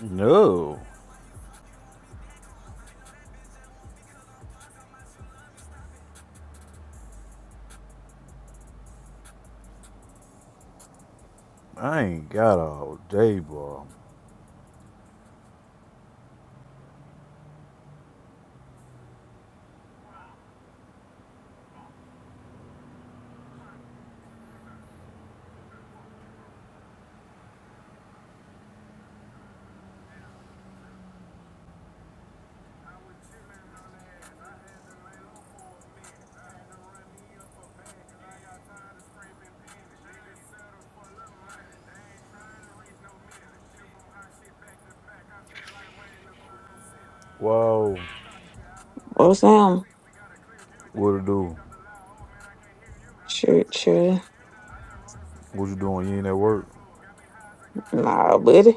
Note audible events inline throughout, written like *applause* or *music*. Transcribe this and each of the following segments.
No, I ain't got all day, boy. Wow, What's Sam? what it do? Shoot, shoot. What you doing? You ain't at work? Nah, buddy.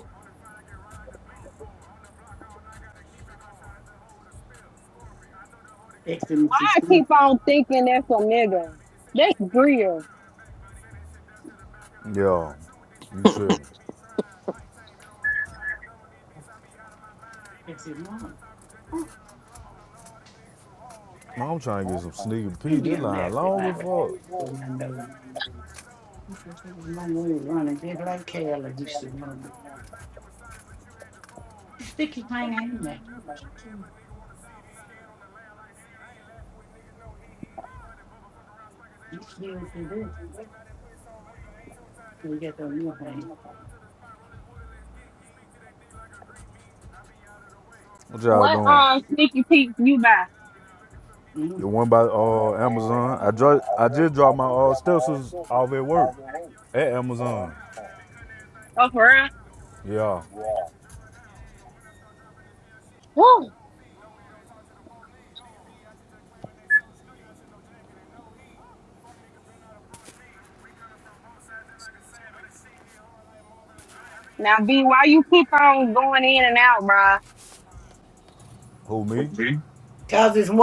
Why I keep on thinking that's a nigga? That's Bria. Yeah, you tripping. No, I'm trying to get some sneaky P. This line long as fuck. What y'all What doing? um sneaky peek you buy? The one by uh, Amazon. I dro- I just dropped my uh, stencils off at work at Amazon. Oh for real? Yeah. Woo. Now B, why you keep on going in and out, bruh? Who me? V,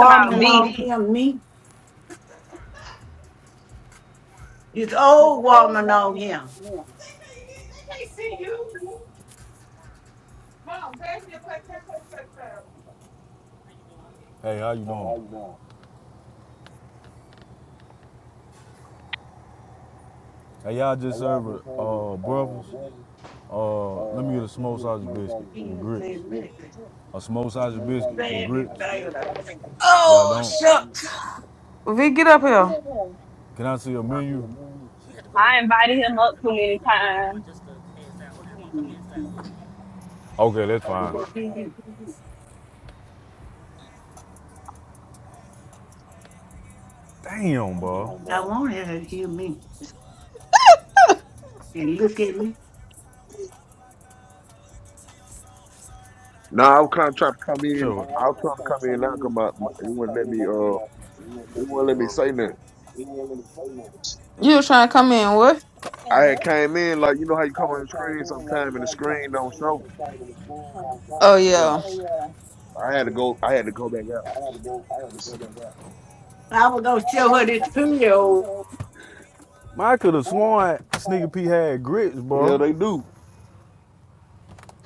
Come out B. Hey, how you doing? Hey, y'all just served uh, breakfast. Uh, let me get a smoked sausage biscuit with grits. A smoked sausage biscuit with grits. Y'all don't? V, get up here. Can I see a menu? I invited him up too many times. Okay, that's fine. Damn, bro. No, I was kind of trying to come in. Sure. I was trying to come in now because my, it wouldn't let me. Uh, it wouldn't let me say nothing. You was trying to come in, what? I had came in like you know how you come on the screen sometime and the screen don't show. Oh, yeah. Yeah, I had to go. I had to go back out. I could have sworn Sneaker P had grits, Yeah, bro. they do.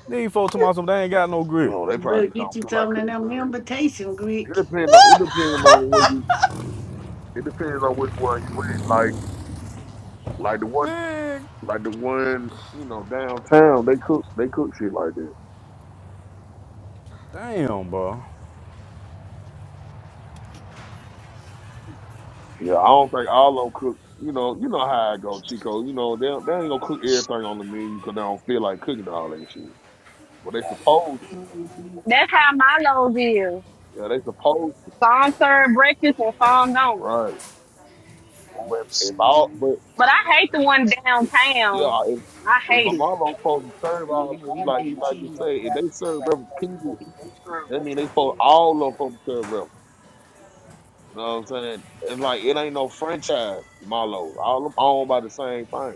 These folks told me something, they ain't got no grits. Oh, they probably just don't feel like cooking. Uh, it depends on. It depends on where you. It depends on which one you went. Like like the one Vic. like the one you know downtown. They cook. They cook shit like that. Damn, bro. Yeah, I don't think all of them cook. You know, you know how I go, Chico. You know, they they ain't gonna cook everything on the menu because they don't feel like cooking all that shit. But they supposed to. That's how my lows is. Yeah, they supposed to. Some serve breakfast and some don't. Right. But if all, but But I hate the one downtown. yeah, if, I if hate my it. mama supposed to serve all, like like you say, if they serve breakfast, period, that mean they supposed all of them supposed to serve breakfast. You know what I'm saying? It's like it ain't no franchise, Marlo. All them owned by the same thing.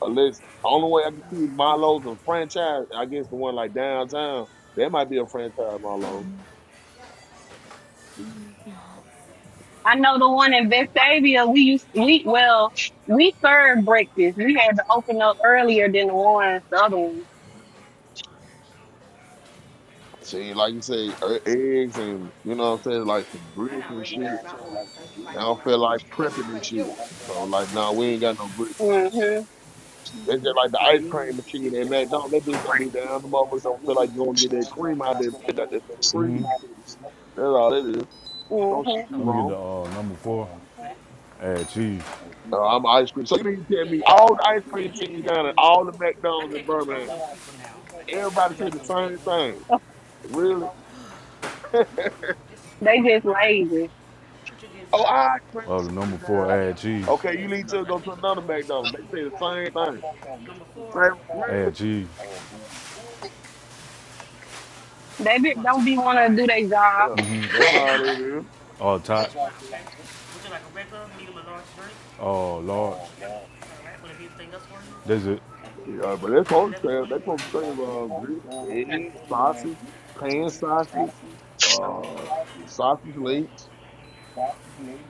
Unless only way I can see Milo's and franchise, I guess the one like downtown, there might be a franchise Milo. I know the one in Vestavia. We used we well we served breakfast. We had to open up earlier than the one the other one. See, like you say, e- eggs and you know what I'm saying, like some bricks and shit. They don't feel like prepping and shit. So like, nah, we ain't got no bricks. Mhm. They just like the ice cream machine at McDonald's. That bitch don't be down. The motherfucker don't feel like going to get that cream out there. That that's free. That's all that is. No shit Mhm. be Let me get the wrong. uh, number four, add cheese. Uh, I'm ice cream. So you mean to tell me all the ice cream machines down at all the McDonald's in Birmingham, everybody say the same thing. Really? They just lazy. Oh, I could crank Oh, the number chicken down. four, add cheese. Okay, you Yes, need cause to I go can to another control this stuff. McDonald's. They say the same thing. Like, really? Add cheese. They be, don't be wanna do their job. Yeah, that's all it is. Uh, tots. Oh, large. That's it. Yeah, but they're supposed to say, they're supposed to say, uh, grits, eggs, sausage, pan sausage, uh, sausage links,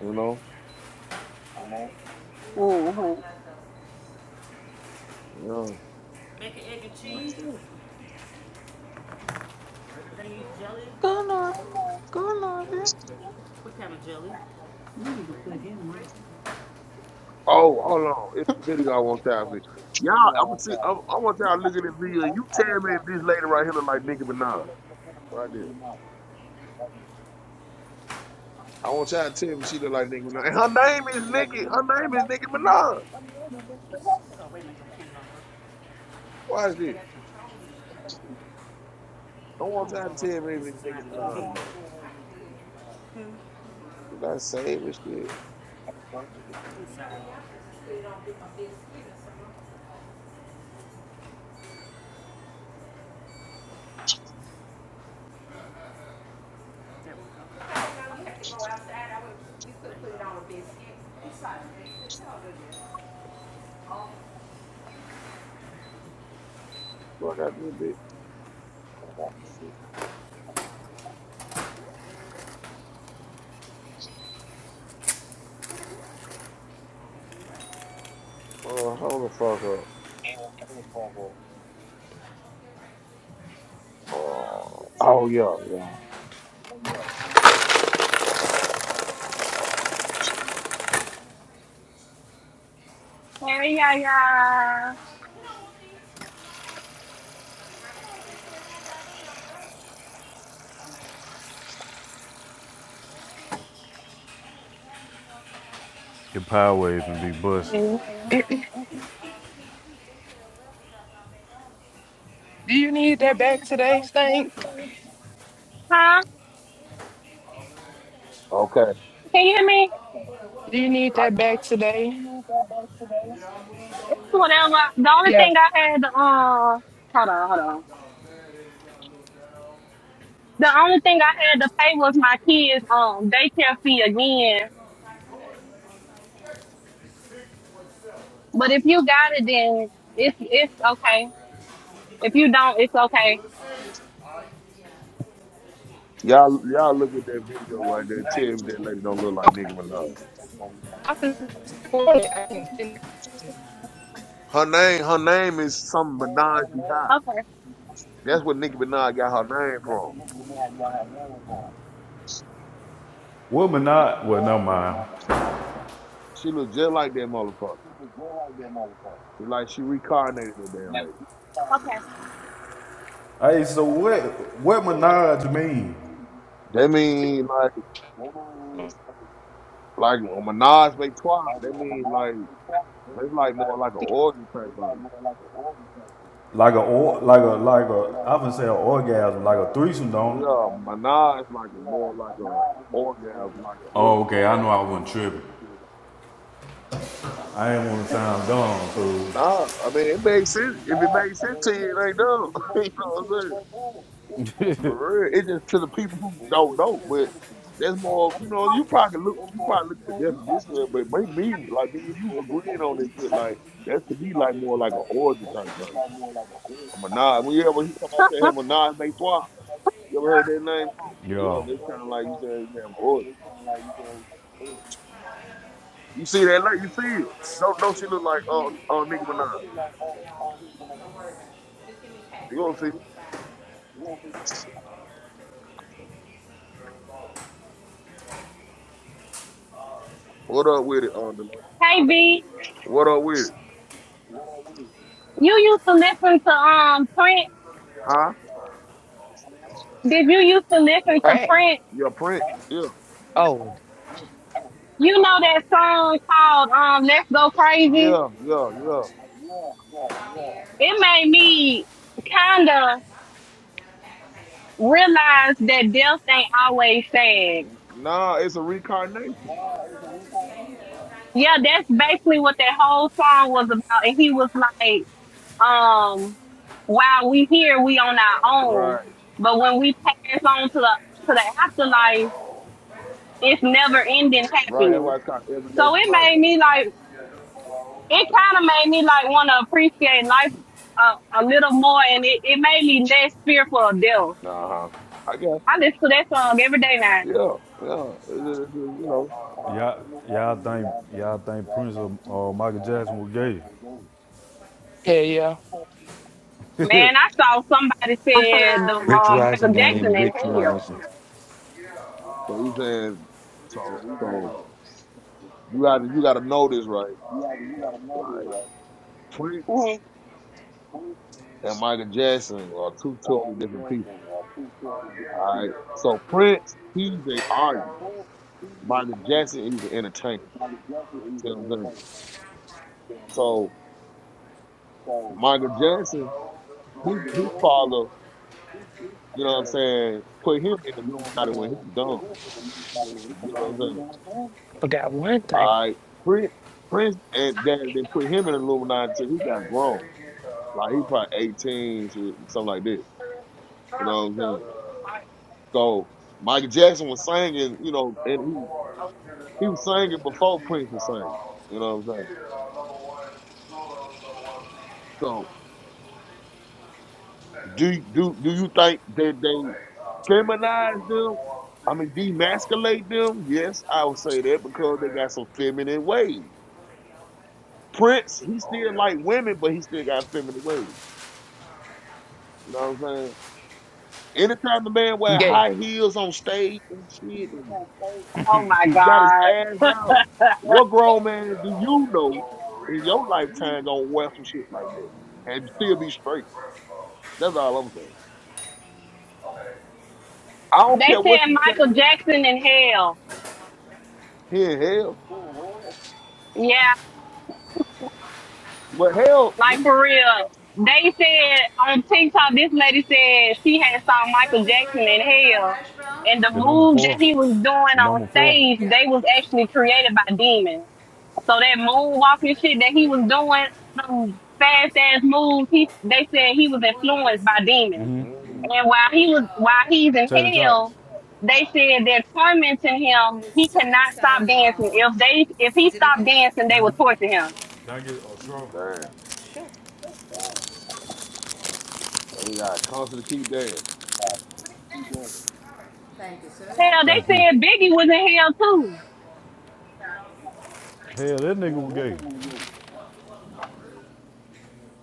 you know? Mhm. Yeah. Gone up. Go, Norby. Go, Norby. Oh, hold on. It's a video I want y'all to see. Y'all, I'm gonna see, I, I want y'all to look at this video and you tell me if this lady right here look like Nicki Minaj. Right there. I want y'all to tell me she look like Nicki Minaj. And her name is Nicki. Her name is Nicki Minaj. Why is this? I want y'all to tell me if it's Nicki Minaj or not. Did I save this shit? Fuck out this bitch. Uh, hold the fuck up. Uh, oh yeah, yeah. Hey, yeah, yeah. Your power waves and be *coughs* bust. Do you need that back today, Stank? Huh? Okay. Can you hear me? Do you need that back You today? need that back today. Whatever. The only Yeah. thing I had to uh, hold on, hold on. The only thing I had to pay was my kids' um daycare fee again. But if you got it, then it's it's okay. If you don't, it's okay. Y'all y'all look at that video right there. Tell me that lady don't look like Nicki Minaj. I can support I can send Her name, her name is some Minaj Behind. Okay. That's what Nicki Minaj got her name from. What Minaj? Well, never mind. She look just like that motherfucker. It's like she reincarnated the damn lady. Hey, so what? What Minaj mean? That it. mean like Like when Minaj make twa, that means like that's like more like an orgy type thing. Like a or like a like a I would say an orgasm, like a threesome, don't it? Yeah, Minaj like a more like a orgasm, like an orgy Oh, okay. I type. know I wasn't tripping. I ain't want to sound dumb, fool. Nah, I mean it makes sense. If it makes sense to you, it ain't dumb. *laughs* you know what I'm saying? For real, it's just to the people who don't know. But that's more, you know, you probably look, you probably look at the definition, of it, but make me like me and you agreeing on this shit. Like that's to me like more like an orgy type thing. A Minaj, when you ever hear Okay. somebody say, "Hey, *laughs* Minaj make twa," You ever heard that name? Hope? *laughs* Yeah, Yo, they kind of like you said, damn horse. You see that? Like you see him. Don't don't she look like uh uh Nicki Minaj? You gonna see? What up with it, uh, Delo? hey, B. What up with it? You used to listen to um Prince. Huh? Did you used to listen to Crack. Prince? Yeah, prince? Yeah, Oh, You know that song called um Let's Go Crazy? yeah, yeah, yeah. It made me kinda realize that death ain't always sad. Nah, it's a reincarnation. Yeah, that's basically what that whole song was about. And he was like, um, while we here, we on our Right, own. But when we pass on to the to the afterlife, it's never ending right. That's happiness. why it's called So everlasting it life. made me like it kind of made me like want to appreciate life a, a little more, and it, it made me less fearful of death. Uh huh. I guess. I listen to that song every day now. Yeah, yeah. It- it- it- you know. y'all, y'all think y'all think Prince or uh, Michael Jackson was gay? yeah, yeah. *laughs* Man, I saw somebody said the Rich um Michael Rising, I Jackson am in Rich hell. Rising. So he's saying. So so you got to you got to know this right. Like Prince Mhm. and Michael Jackson are two totally different people. All right. So Prince, he's a artist. Michael Jackson, he's an entertainer. See what I'm saying? So Michael Jackson, his his father, you know what I'm saying, put him in the Illuminati when he was done. You know what I'm saying? Forgot one thing. All right. Prince Prince and then they put him in the Illuminati until he got grown. Like he probably 18, shit, something like that. You know what I'm saying? So Michael Jackson was singing, you know, and he he was singing before Prince was singing. You know what I'm saying? So, Do do do you think that they feminize them? I mean, demasculate them? Yes, I would say that because they got some feminine ways. Prince, he still like women, but he still got feminine ways. You know what I'm saying? Anytime a man wear Gay. high heels on stage and shit, and *laughs* Oh my got his God. ass *laughs* out, what grown man do you know in your lifetime gonna wear some shit like that and still be straight? That's all I'm saying. I don't care they what said you say. *laughs* Michael Jackson in hell. He in hell, Yeah, but hell, Like we. for real. They said on TikTok, this lady said she had saw Michael Jackson in hell. And the the number move four, that he was doing the on number four, stage, they was actually created by demons. So that moonwalking shit that he was doing, them fast ass moves, he, they said he was influenced by demons. mm. And while he was while he's in Taylor Tots. hell, they said they're tormenting him. He cannot stop dancing. If they if he stopped dancing, they would torture him. Thank you. get Damn. So he got to constantly keep dancing. Hell, Thank they you. said Biggie was in hell too. Hell, that nigga was gay.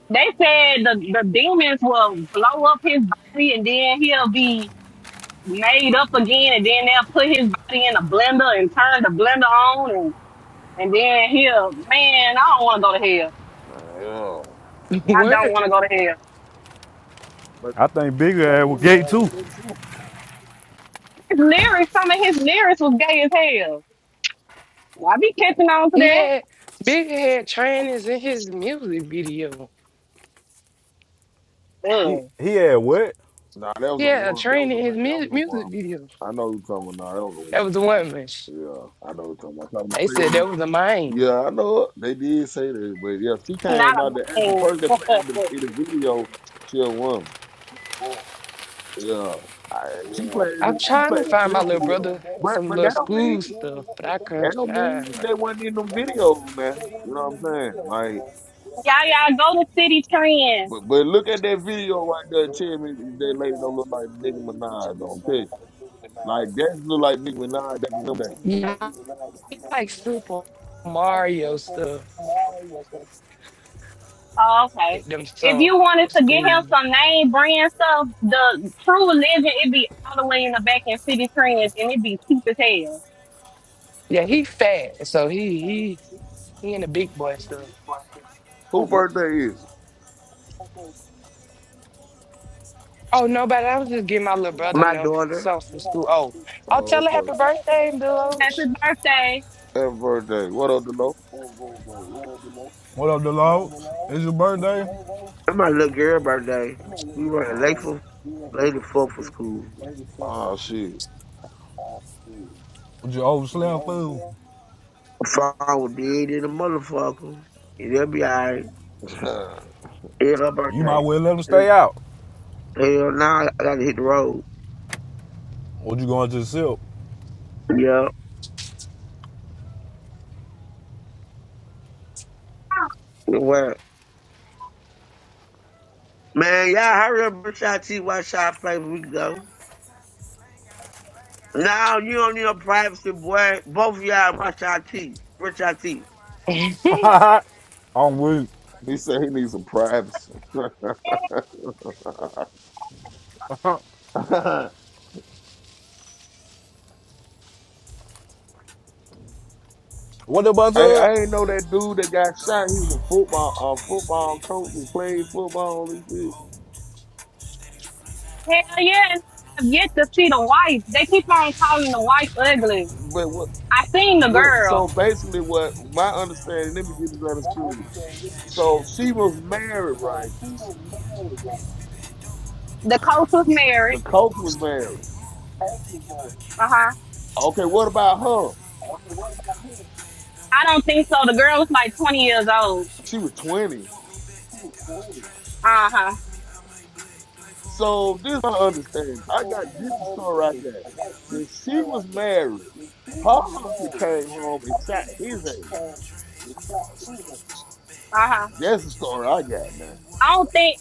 They said the, the demons will blow up his body and then he'll be made up again and then they'll put his body in a blender and turn the blender on and, and then he'll, man, I don't want to go to hell. Yeah, I don't What? want to go to hell. But I think Bigger ass was gay too. His lyrics, some of his lyrics was gay as hell. I be catching on to He had that. Big had trainers in his music video. He Ugh. he had what? nah, that was a Yeah, a one. That was train a in his ma- that was mu- the one. music video. I know who you're talking about. Nah, that was the That one. was the one man. Yeah, I know what you're talking about. Talking to They said that Satan. was a mine. Yeah, I know it. they did say that, but yeah, she came Not a out man. the *laughs* actual person that played in the y'all, in the video, she a woman. Yeah. I, she played in I'm the she trying to played the find my film little video. brother But some but little that don't mean school stuff, but I that couldn't don't mean find them. they wasn't in them videos, man. You know what I'm saying? Like, y'all go to City Trend. But but look at that video right there and tell me if that lady don't look like Nicki Minaj. Don't tell you. Like that look like Nicki Minaj back in them days. Yeah, I like Super Mario stuff. Oh, okay. Get them If some you for wanted to get him school. some name brand stuff, the True Religion, it'd be all the way in the back in City Trends, and it'd be cheap as hell. Yeah, he fat, so he he he in the big boy stuff. Who birthday is it? Oh no, but I was just getting my little brother and My them daughter some from school. Oh, I'll tell Oh, her happy okay. birthday, Bill Happy birthday. Happy birthday. What up, Delo? What up, Delogs? It's your birthday. and my little girl birthday, we were Oh, late for late and fuck for school. oh shit. With your old slim food. My father did in a motherfucker, and they'll be alright. *laughs* It's her You might birthday. well let him And stay out. hell, now I gotta hit the road. Or you going to the silk? Yeah, well, Man, y'all hurry up, brush y'all teeth, wash y'all face, we can go. Now you don't need no privacy, boy. Both of y'all brush y'all teeth, brush y'all teeth. *laughs* Oach. I'm weak. he said he needs some privacy. *laughs* What the bus I, said? I ain't know that dude that got shot. He was a football a football coach and played football and shit. Hell yeah, and I have yet to see the wife. They keep on calling the wife ugly. But what I seen the what? So girl. basically, what my understanding? Let me get this understood. So she was married, right? The coach was married. The coach was married. Uh huh. Okay, what about her? I don't think so. The girl was like 20 years old. She was 20. Uh huh. So this is my understanding. I got this is the story I got. That she was married. Her husband came home and shot his ass. Uh huh. That's the story I got now. I don't think.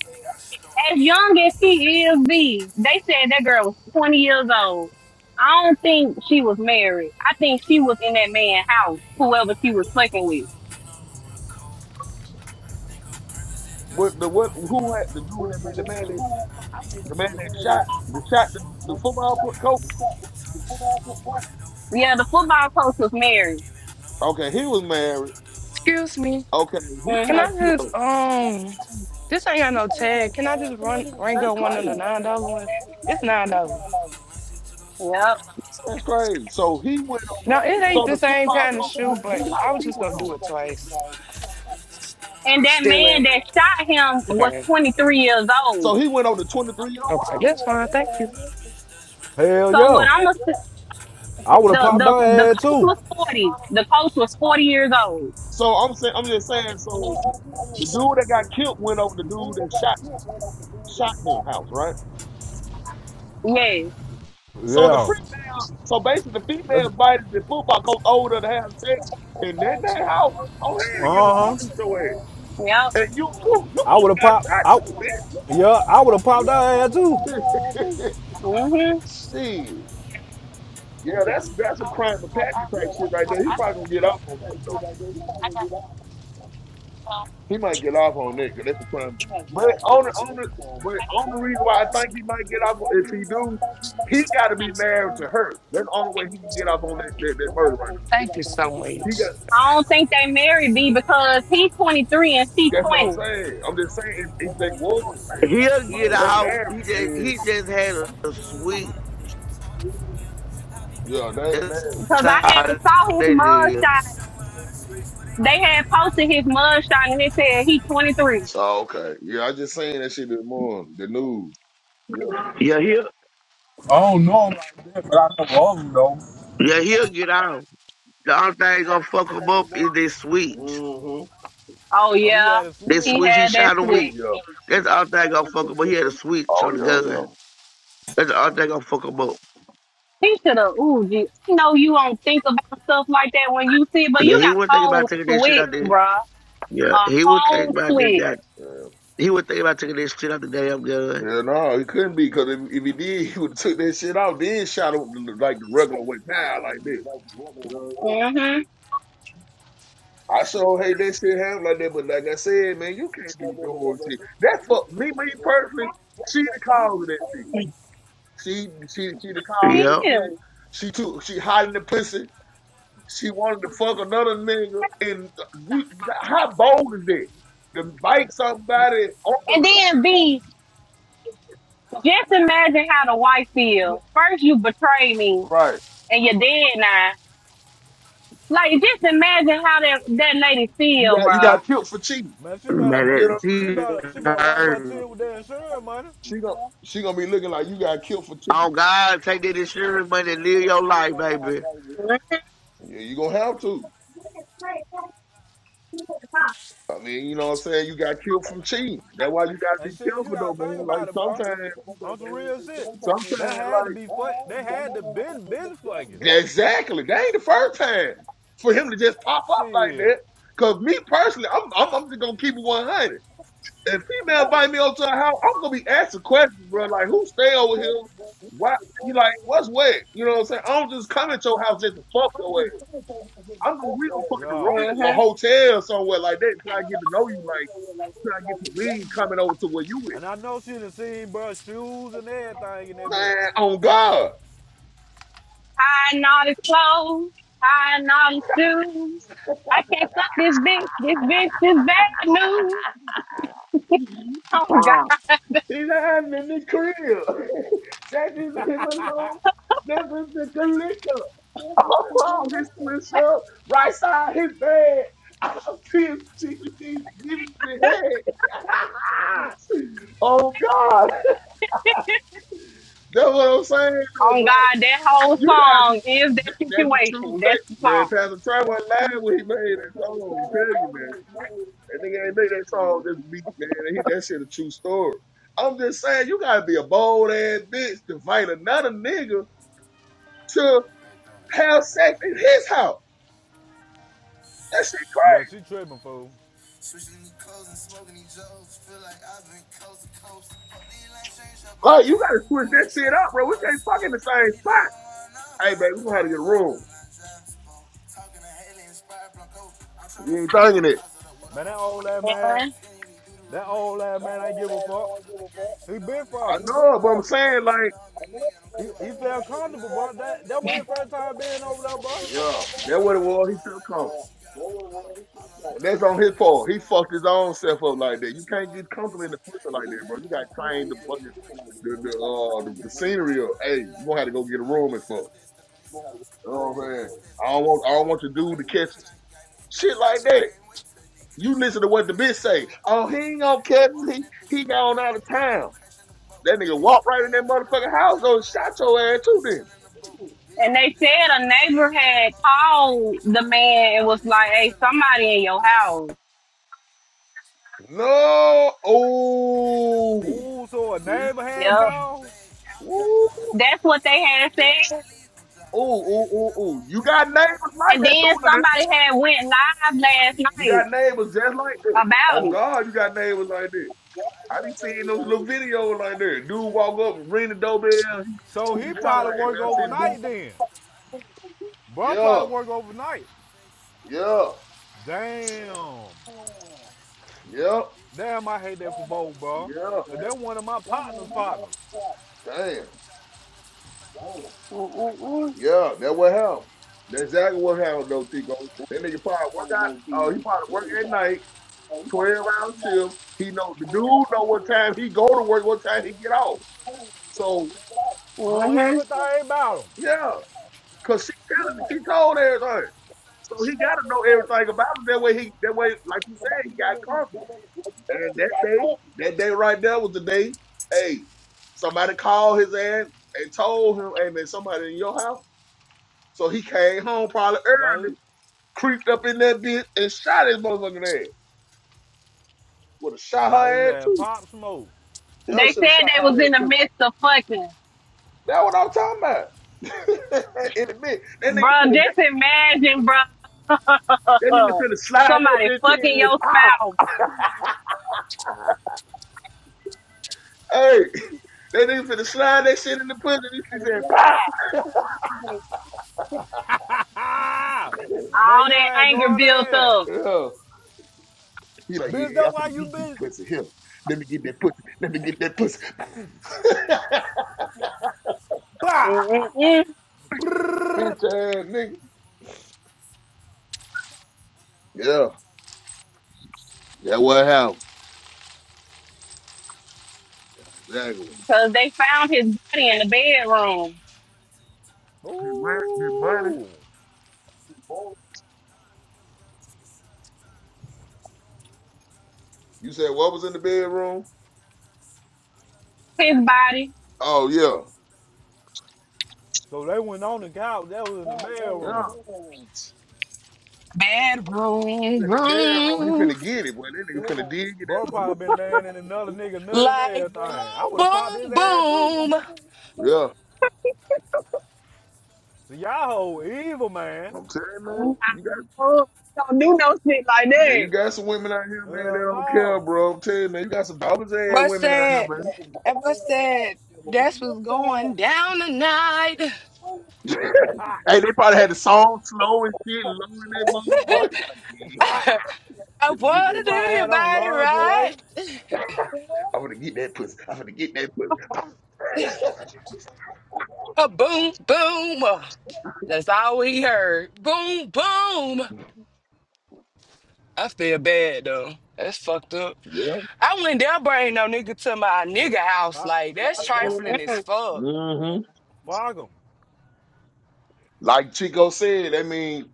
as young as she is, B, they said that girl was 20 years old. I don't think she was married. I think she was in that man's house, whoever she was fucking with. What the what who had the dude that made the man that the man that shot the shot the, the football co- coach? Yeah, the football coach was married. Okay, he was married. *laughs* Excuse me. Okay, he Can got I Mm-hmm. just killed. um this ain't got no tag. Can I just run ring That's up one of the crazy. nine dollar ones? It's nine dollars. Yep. That's crazy. So he went on. Now it ain't So the the same football kind of coach, shoe, who but who I house was he just gonna went on? do it twice. And that Stealing. man that shot him was Okay. 23 years old. So he went over the 23 year Okay. old. That's fine. Thank you. Hell So what yeah. I'm gonna say- I would have the popped that the the head coach too. was 40. The coach was 40 years old. So I'm saying, I'm just saying. So the dude that got killed went over the dude that shot shot him house, right? Yes. So the Yeah. female, so basically the female That's invited the football coach over to have sex, and that that house. Oh hell yeah, you uh huh. shoot your ass, Yep. and you too. You I would almost have popped out. got Yeah, I would have popped that head too. shot too, bitch. hmm *laughs* Shit. Yeah, that's that's a crime of passion type shit right there. He probably gonna get off on that He might get off on that 'cause that's a crime. But on the on the but on the reason why I think he might get off if he do, he got to be married to her. That's the only way he can get off on that that, that murder right Thank you so now. He much. got. I don't think they married B because he's 23 and she's That's what I'm 20. saying. I'm just saying if, if they was He'll married, like get they off. ain't married, He just then he just had a sweet. yeah, they ain't That's married. Cause I had how saw his they did. mugshot. They had posted his mugshot, and it said he 23. Oh, okay. Yeah, I just seen that shit this morning. The news. Yeah. Yeah, he'll I don't know him like that, but I know all of them though. Yeah, he'll get out. The only thing gonna fuck him up is this switch. hmm Oh Oh, he yeah, had a This switch. he switch he had that shot a switch. week. Yeah. That's the only thing gonna fuck him up. He had a switch on the gun. Oh That's the only thing gonna fuck him up. He should have. Ooh, gee. I know you don't think about stuff like that when you see it, but And you then he would got a think about whole taking this shit switch, out there. bruh. Yeah, A he would whole think about that. switch. that- yeah, yeah. He would think about taking this shit out the damn gun. Yeah, no, it couldn't be because if, if he did, *laughs* he would have took that shit out, then shot him the- like the regular way, pow, like this. You know what I mean? Mhm. I sure hate that shit happen like that, but like I said, man, you can't be doing shit. That fuck me, me personally. She the cause of that shit. She, she, she the cause of that Yep. Yeah. shit. She took, she hiding the pussy. She wanted to fuck another nigga, and uh, you, how bold is that? To bite somebody over, And then B, just imagine how the wife yeah, feels. First you betray me right? and you're dead now. Like just imagine how that that lady You feel, got, you bruh. got killed for cheating. Man, she better, Man, You see what I'm that saying? she he better, she better wipe her tears heard. with that insurance money. She gonna she gonna be looking like you got killed for Oh cheating. God, take that insurance money and live your life, baby. Yeah, you gonna have to. I mean, you know what I'm saying? You got killed from cheating. That's why you gotta And be shit, you careful gotta though, think man. Like about it, bro. sometimes, On some real shit. sometimes They had to like be fuck. They had to been been fucking. exactly. That ain't the first time for him to just pop up like Shit, that. Cause me personally, I'm I'm, I'm just gonna keep it 100. If female invite me over to her house, I'm gonna be asking questions, bro. Like who stay over here? Why you like what's wet? You know what I'm saying? I don't just come at your house just to fuck your ass. I know we don't fucking yeah. room, a Mm-hmm. hotel somewhere like that, try to get to know you, like try to get to me coming over to where you with. And I know she done seen bro shoes and everything in that bitch. Man, on God. High and all his clothes, high and all his shoes. I can't fuck this bitch. This bitch is bad news. Oh Wow. God. He's hiding in this crib. *laughs* Shaq is him alone. Never took a liquor. *laughs* Oh, his twist up. Right side his bed. *laughs* I see his TV giving me head. *laughs* oh God. *laughs* That's what I'm saying, though, Oh bro. God, that whole You gotta be. song is that That, that's a true situation. That's the statement, man. song. Pastor Trevor lied when he made that song. I'm telling you, man. That nigga ain't made that song just week, man. he, that shit a true story. I'm just saying, you gotta be a bold ass bitch to fight another nigga to have sex in his house. That shit crazy. Yeah, she tripping, fool Like, you gotta switch that shit up, bro. We can't fuck in the same spot. Hey, baby, we gonna have to get a room. You ain't thinking it. And I know, but I'm saying, like, first time being yeah, that what it was. He felt comfortable. And that's on his part. He fucked his own self up like that. You can't get comfortable in the pussy like that, bro. You got trained the fucking the the uh the, the scenery of hey, you gonna have to go get a room and fuck. You know what I'm saying? I don't want I don't want your dude to catch us. Shit like that. You listen to what the bitch say. Oh, he ain't gonna catch us. He he gone out of town. That nigga walked right in that motherfucking house, go shot your ass too then. and they said a neighbor had called the man and was like, Hey, somebody in your house. No oh see? Ooh, so a neighbor had Yep. called. Ooh, That's what they had said. ooh, ooh, ooh, ooh. You got neighbors like And that too then now. somebody had went live last You night got neighbors just like this. about On it. God, you got neighbors like this. I be seeing those little videos like that. Dude walk up, ring the doorbell. He, So he he be talking probably like, hey work man, I seen the dude. overnight then. Bro Yeah, probably work overnight. yeah, Damn. yeah, Damn, I hate that for both, bro. yeah. Cause they're one of my partners' partners. Damn, hmm yeah. That what happened. That's exactly what happened though, Tico. That nigga probably work out. Oh, he probably work at night, twelve hour shift. He know the dude know what time he go to work, what time he get off. So uh, Know everything about about 'em. yeah, cause she telling me, she told everything. So he got to know everything about him. That way, he that way, like you said, he got covered. And that day, that day right there was the day. Hey, somebody called his ass and told him, "Hey man, somebody in your house." So he came home probably Got his, early, creeped up in that bitch and shot his motherfucking ass. Would have shot got his her ass ass too. pop smoke. Y'all They should have said shot they her was in ass the too. midst of fucking. That's what I'm talking about. *laughs* in a minute, that nigga Bruh, finna just imagine, bruh. that nigga *laughs* finna slide that Somebody bitch fucking in. and your pop. spouse. Hey, that nigga finna slide that shit in the pussy. And she said, "Pow!" Ah! Man, All your that ass anger going built there. up. Oh, he like, yeah, Bitch, I'm that's why finna you get this been pussy here. Let me get that pussy. Let me get that pussy. *laughs* pop. Mm-mm-mm. Bitch ass nigga. Yeah, that what happened. Exactly. Cause they found his body in the bedroom. His rent, his money. Ooh. You said what was in the bedroom? His body. Oh yeah. So they went on the couch. That was in the Yeah, in bedroom. Bedroom the bedroom, he room. finna get it. Boy, that nigga finna dig it that Bro mo. probably been laying in another nigga nut and everything. Like I boom, would have popped boom, his ass too. boom. Yeah. So y'all whole evil, man. I'm telling you, man, you got Oh, Don't do no shit like man, you that. got some women out here, man, that Hell don't care, no. bro. I'm telling you, man, you got some dollars ass What's women out here, that? man. And what's that? That's what's going down tonight. *laughs* *laughs* hey, they probably had the song slow and shit, low in that motherfucker. He Like, yeah, *laughs* I I'm gonna get she wanna that pussy. do probably your had on body right. lingerie. I'm gonna get that pussy. I'm gonna get that pussy. *laughs* A boom, boom. That's all we heard. Boom, boom. I feel bad though. That's fucked up. Yeah. I wouldn't dare bring no nigga to my nigga house. I Like, that's trifling don't. as Mm-mm. fuck. hmm Fuck 'em. Like Chico said, I mean,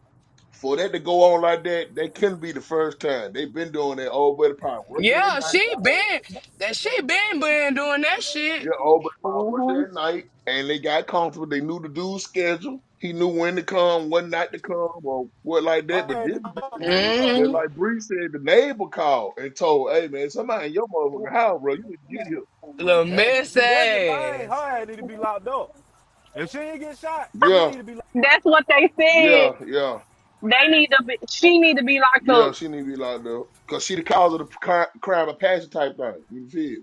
for that to go on like that, that couldn't be the first time. They've been doing that. Old buddy probably working Yeah, at night. she been that she been been doing that Yeah, shit. oh, but if I Mhm. worked at night and they got comfortable, they knew the dude's schedule. He knew when to come, when not to come, or what like that. But I ain't this it particular up too day, just hmm long. like Bree said, the neighbor called and told, "Hey man, somebody in your motherfucking house, bro. You need to get Little That miss see, that's the thing. Her ass. ass need to be locked up. If she ain't get shot, she here." Yeah, need to be locked. That's what they said. yeah, yeah, They need to be, she need to be locked yeah. up. She need to be locked up because she the cause of the cri- crime of passion type thing. You feel?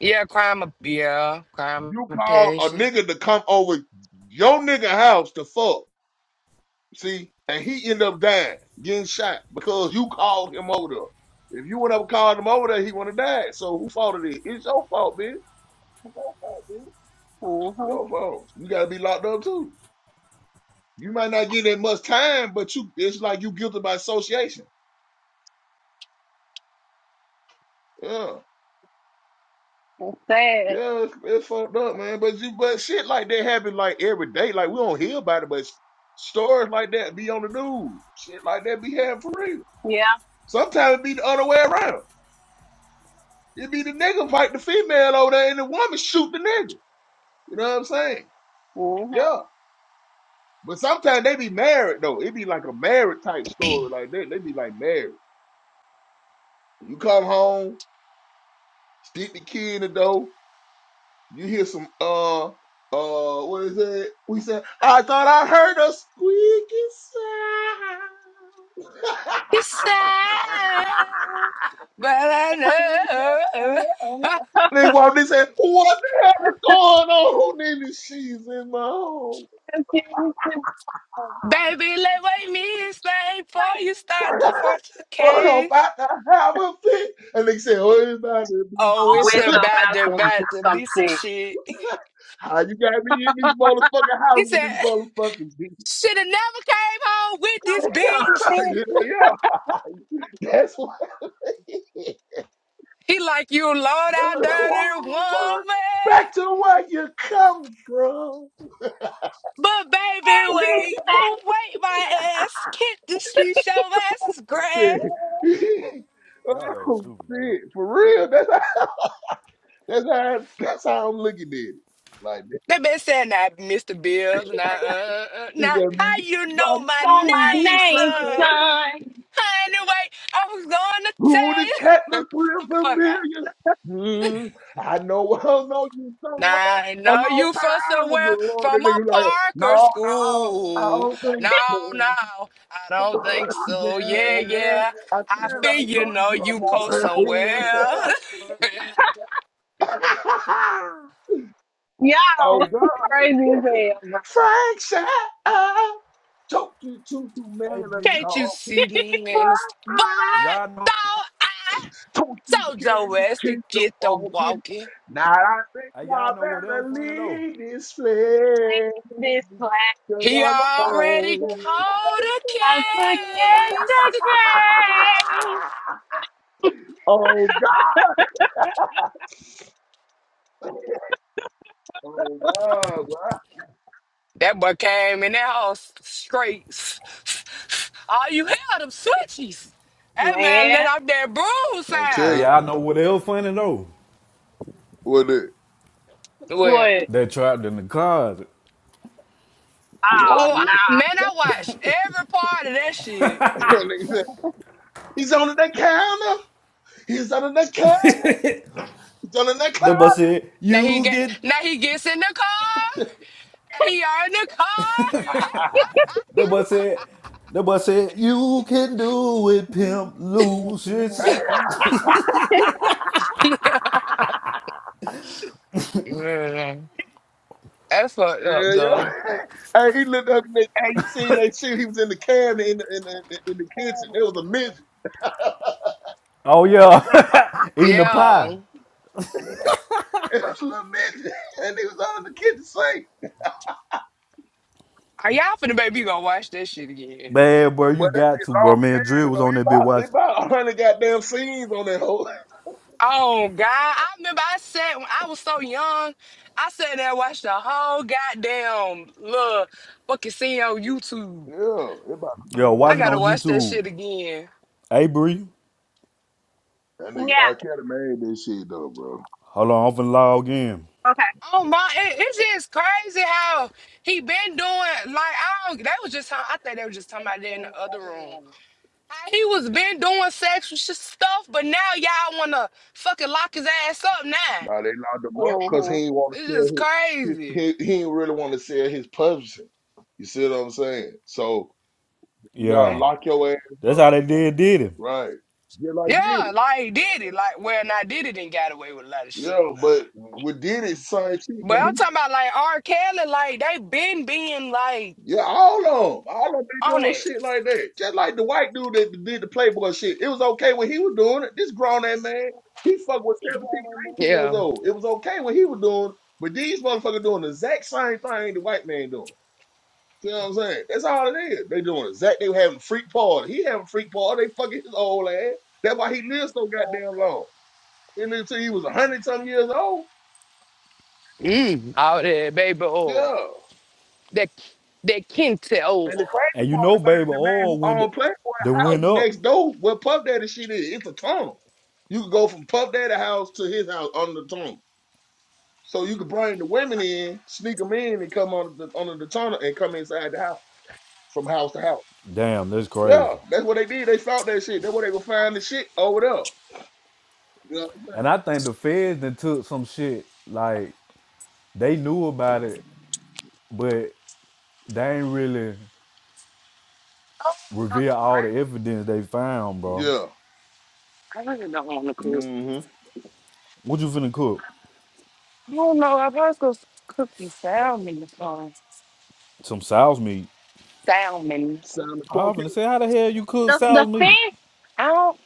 Yeah, crime of yeah, crime You of call a passion. nigga to come over your nigga house to fuck. See, and he ended up dying, getting shot because you called him over there. If you went up and called him over there, he would have died. So who fault it is? It's your fault, bitch. hmm Your fault. You gotta be locked up too. You might not get that much time, but you it's like you guilty by association. Yeah. Sad. Yeah, it's, it's fucked up, man. But you but shit like that happen like every day. Like we don't hear about it, but stories like that be on the news. Shit like that be happening for real. Yeah. Sometimes it be the other way around. It be the nigga fight the female over there and the woman shoot the nigga. You know what I'm saying? Mm-hmm. Yeah. But sometimes they be married though. It be like a married type story. Like they, they be like married. You come home, stick the key in the door. You hear some uh uh what is it? We said I thought I heard a squeaky sound. He's sad, but I know. *laughs* *laughs* they walked in and said, "What the hell is going on?" And then she's in my home. Baby, let wait me explain before you start *laughs* to What fornicate. about to have a fit? And they said, "Oh, everybody." Oh, be it's Always about about to to do about to some be some shit. shit. How you got me in this motherfucking He house with said, this motherfucking beat? *laughs* should have never came home with this bitch. *laughs* you know, yeah, that's why. *laughs* He like you low down dirty Back woman. to where you come from. But baby, wait, but wait my ass. Kick the street, show ass is *laughs* grass. up. Y'all are oh stupid, man. shit, for real. That's how. *laughs* That's how. That's how I'm looking at it. Like that. They been saying that, Mr. Bills. Now, uh, uh, he said, now, how man, you my know my My name, name, name, son? sir. son. anyway, I was gonna Who tell did you. Katniss *laughs* the real fuck out. familiar? Hmm. I know *laughs* I know you so well Now I a know long you for time somewhere ago. from And They a you like, no, Parker no, I school. don't think No, so. no, I don't think so. Yeah, Yeah, yeah. yeah. I said I feel I you know know you you go somewhere. brother. *laughs* *laughs* oh Y'all God. *laughs* crazy as hell. bro. *laughs* Frank said I told you to do man Hey, a B. Can't you talk. see the man? is- But Y'all know. though Don't you I told care your to ass to keep them get the walking? walking. Now I think Hey, y'all I know what else better funny though. leave this place. This Cause He I'm about to already feel platform. like- called a I forget case. the case. *laughs* Oh God. Oh God, bro. That boy came in that house straight. All you hear them switches. That man Man, let out that broom I'll tell Hey, you sound. y'all know what else funny though. what it Well, what? They trapped in the closet. oh Oh, I, nah. man, I watched every part of that shit. *laughs* is. He's under the counter. He's under the counter. He's under the The counter. boy said, Now he "You get get." now he gets in the car. He are in the car. The boy said. The boy said, "You can do it, pimp Lucius." Yeah, that's fucked up Yeah, yeah. though. *laughs* hey, he looked up and they, hey, you seen that shit? He was in the cab in the, in the, in the kitchen. It was a midget. Oh yeah, *laughs* eating the pie. Yeah. And I little man, *laughs* and they was on the kitchen sink. Are y'all finna baby gonna watch that shit again? Man, bro, you But that got shit to, bro. long. Man, Drill was on It's that bit about, it's watching. about 100 goddamn scenes on that whole. Oh God! I remember I sat when I was so young. I sat there and watched the whole goddamn little fucking scene on YouTube. Yeah, it's about Yo, 100 I watch it gotta scenes. on watch that YouTube. shit again. Hey, Bree. That nigga R. Yeah. Kelly made this shit though, bro. Hold on, I'm finna log in. Okay. Oh my! It, it's just crazy how he been doing. Like I don't. They was just. talk- I think they were just talking about that in the other room. How he was been doing sexual sh- stuff, but now y'all wanna fucking lock his ass up now. Now they locked him up because hmm he ain't want It's to just sell his, crazy. his he, he ain't really want to sell his publishing. You see what I'm saying? So you gotta Eh, Yeah, lock your ass up, that's how they did did it. right? Just like did Yeah, like he did it. Like well, not did it and got away with a lot of shit. Yeah, but with did it, same shit. But Like, he I'm talking about like R. Kelly, like they been being like Yeah, all of them. All of them be on doing it. shit like that. Just like the white dude that did the Playboy shit. It was okay when he was doing it. This grown ass man, he fucked with 17, 18 years Yeah. old. It was okay when he was doing it. But these motherfuckers doing the exact same thing the white man doing. See what I'm saying? That's all it is. They doing exact. They were having a freak party. He having a freak party. They fucking his old ass. That's why he lived so goddamn long. He lived till he was a hundred some years old. Mm. All that baby oil. Yeah. That that kente And the oil. And crazy you know, part about it, baby, the man oil went who owned Playboy then went house next up. door where Puff Daddy shit is, it's a tunnel. You could go from Puff Daddy house to his house under the tunnel. So you could bring the women in, sneak them in, and come under the, under the tunnel and come inside the house from house to house. Damn, that's crazy. Yeah, that's what they did. They found that shit. That's where they gonna find the shit over there. Yeah, And I think the feds then took some shit like they knew about it, but they ain't really reveal all the evidence they found, bro. yeah. Mm-hmm. What you finna cook? Salmon is fun. Some sow's meat. Salmon. Sound the I was finna cocaine. say, how the hell you cook The the sow's meat? fish, I don't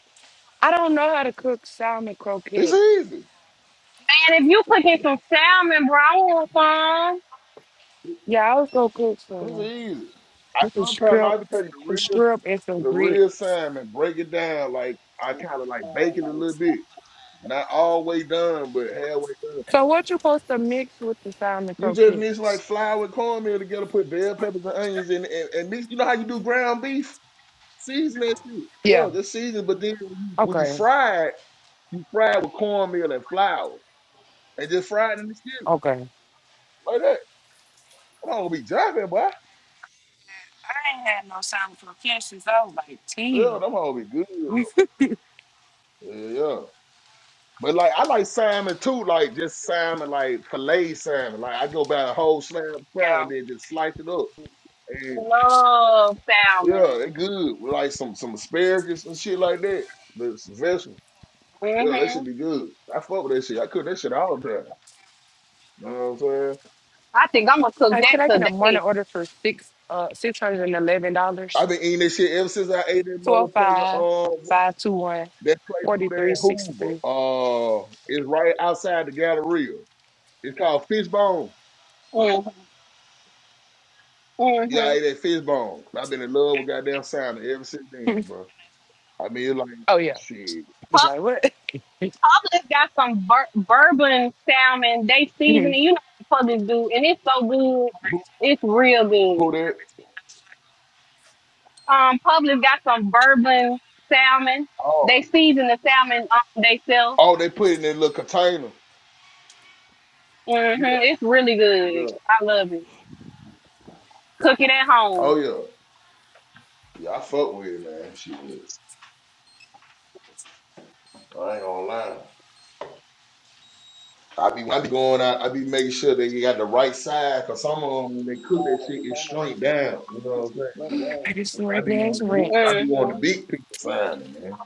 I don't know how to cook salmon It's croquette. easy. man. If you cooking some salmon, bro, I want some. Yeah, I was gonna cook It's some easy. I this is sometimes I shrimp have to take the some real shrimp and some the grits. reassignment, break it down like I kind of like bake it a little bit. Not all way done, but halfway done. So what you supposed to mix with the salmon You just mix like croquettes? flour and cornmeal together, put bell peppers and onions in, it, and, and mix. You know how you do ground beef? Season that shit. Yeah. Yo, just season. But then when you, when you Okay. fry it, you fry it with cornmeal and flour, and just fry it in the skillet Okay. like that. I'm gonna be jumping, boy. I ain't had no salmon croquettes since I was like Yeah, ten. them gonna be good though. *laughs* Yeah, yeah. But like I like salmon too, like just salmon, like filet salmon. Like I go buy a whole slab of salmon yeah. and then just slice it up. And Love salmon. yeah, it good with like some some asparagus and shit like that. The vegetable. Yeah, that hmm should be good. I fuck with that shit. I cook that shit all the time. You know what I'm saying? I think I'm gonna cook Uh, that can I get a morning today. order for six uh six hundred and eleven dollars? I've been eating this shit ever since I ate that Two oh motherfucker. five Um, five two one that place forty over there three in sixty Hoover. three. Uh, it's right outside the Galleria. It's called Fishbone. Mm-hmm. Yeah, I Mm-hmm. ate that fish bone. I've been in love with goddamn salmon ever since then, bro. I mean, like, Oh yeah. shit. Publix got some bur- bourbon salmon. They season it. Mm-hmm. You know what Publix do, and it's so good. Who, It's real good. who they? Um, Publix got some bourbon salmon. Oh, They season the salmon um, themselves. oh, they put it in their little container. hmm Yeah, It's really good. yeah. I love it. Cook it at Oh home. yeah, yeah. I fuck with it, man. Shit, I ain't gonna lie. I be, I be going out. I be making sure that you got the right side, cause some of them when they cook that shit, it's straight down. You know what I'm saying? I just some I be regular wanting ass the big, rent. I be wanting hmm the big picture side, man.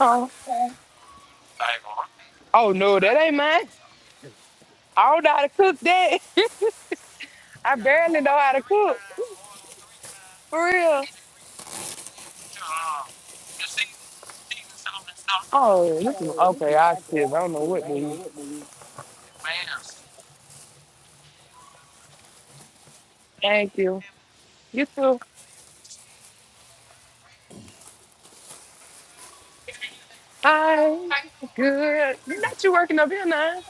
Oh. Oh no, that ain't mine. I don't know how to cook that. I barely know how to cook. For real. Oh, this is okay, I see. I don't know. Thank you. You too. Hi. Good. You working up here now?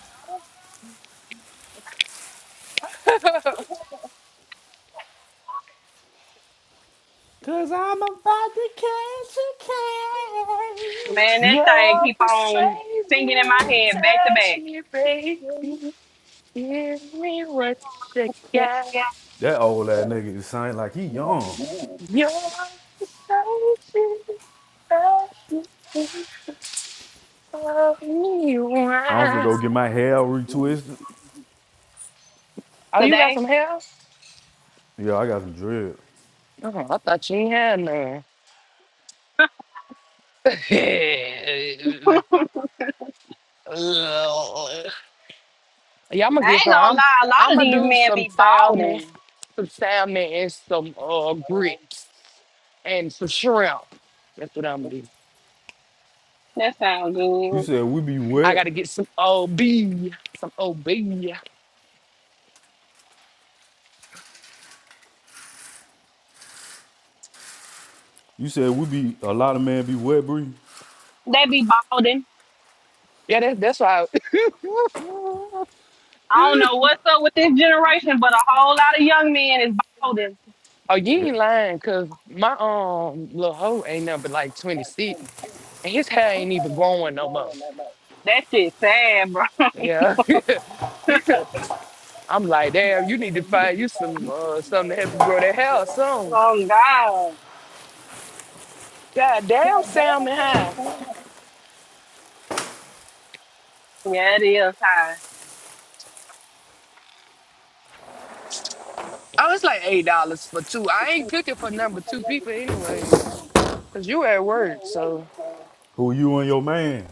Cause I'm about to catch a Man, case. that thing Your keep persuasive on singing in my head back to touch back. me, baby. Give me what's you got. That old ass nigga is sound like he young. You're the person I should love you I'm finna go want. get my hair retwisted. Oh, you got Today, some hair? Yeah, I got some dread. Oh, I thought you ain't had none. *laughs* yeah, *laughs* I I'm gonna get ain't some. gonna I'm, lie. A lot I'm of gonna these men some be salmon, balding. some salmon, and some uh grits and some shrimp. That's what I'm gonna do. That sounds You good. said we be I wet. gotta get some OB, some OB. Yeah, You said we be a lot of men be wet, Bree. They be balding. that's that's why. *laughs* I don't know what's up with this generation, but a whole lot of young men is balding. Oh, you Yeah. ain't lying, cause my um little hoe ain't number like 26, and his hair ain't even growing no more. That shit sad, bro. *laughs* Yeah, *laughs* I'm like, damn, you need to find you some uh, something to help you grow that hair soon. oh God. God damn, salmon high. Yeah, it is I was like eight dollars for two. I ain't cooking for number two people anyway, cause you at work. So high. Who you and your man?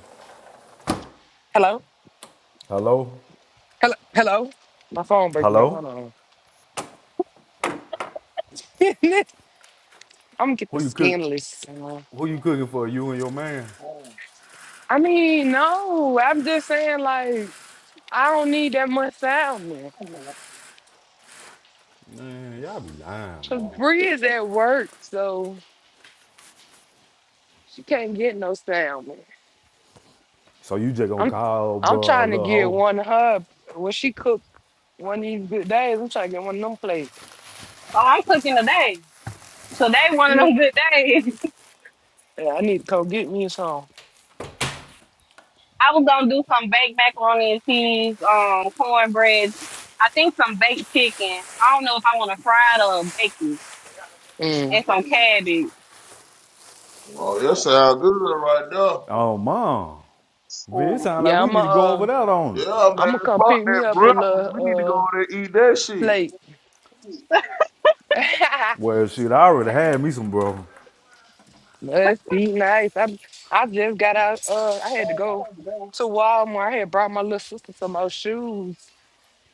hello, Hello? hello, hello. My phone breaking up. Hold Hello? on. *laughs* I'm gonna get Who the you cook skinless. uh, who you cooking for? You and your man? I mean, no, I'm just saying like. I don't need that much salmon. Man, y'all be lying, Cause bro. Bree is at work, so she can't get no salmon. So you just gonna I'm call I'm bro a trying to little get hoe? one of her when she cook one of these good days. I'm trying to get one of them plates. So I'm cooking today. Today one of them good days. *laughs* Yeah, I need to go get me some. I was gonna do some baked macaroni and cheese, um, cornbread. I think some baked chicken. I don't know if I want to fry it or bake it, Mm. and some cabbage. Oh, that sound good right there. Oh mom. Bitch, it sound like Yeah, we I'm need going to go uh over that on. it. Yeah, I'm gonna man. come Fuck pick that me up a breakfast. We need to go little over uh there and eat that shit. plate. *laughs* Well shit, I already had me some bro. Must be nice. I I just got out. Uh, I had to go to Walmart. I had brought my little sister some old shoes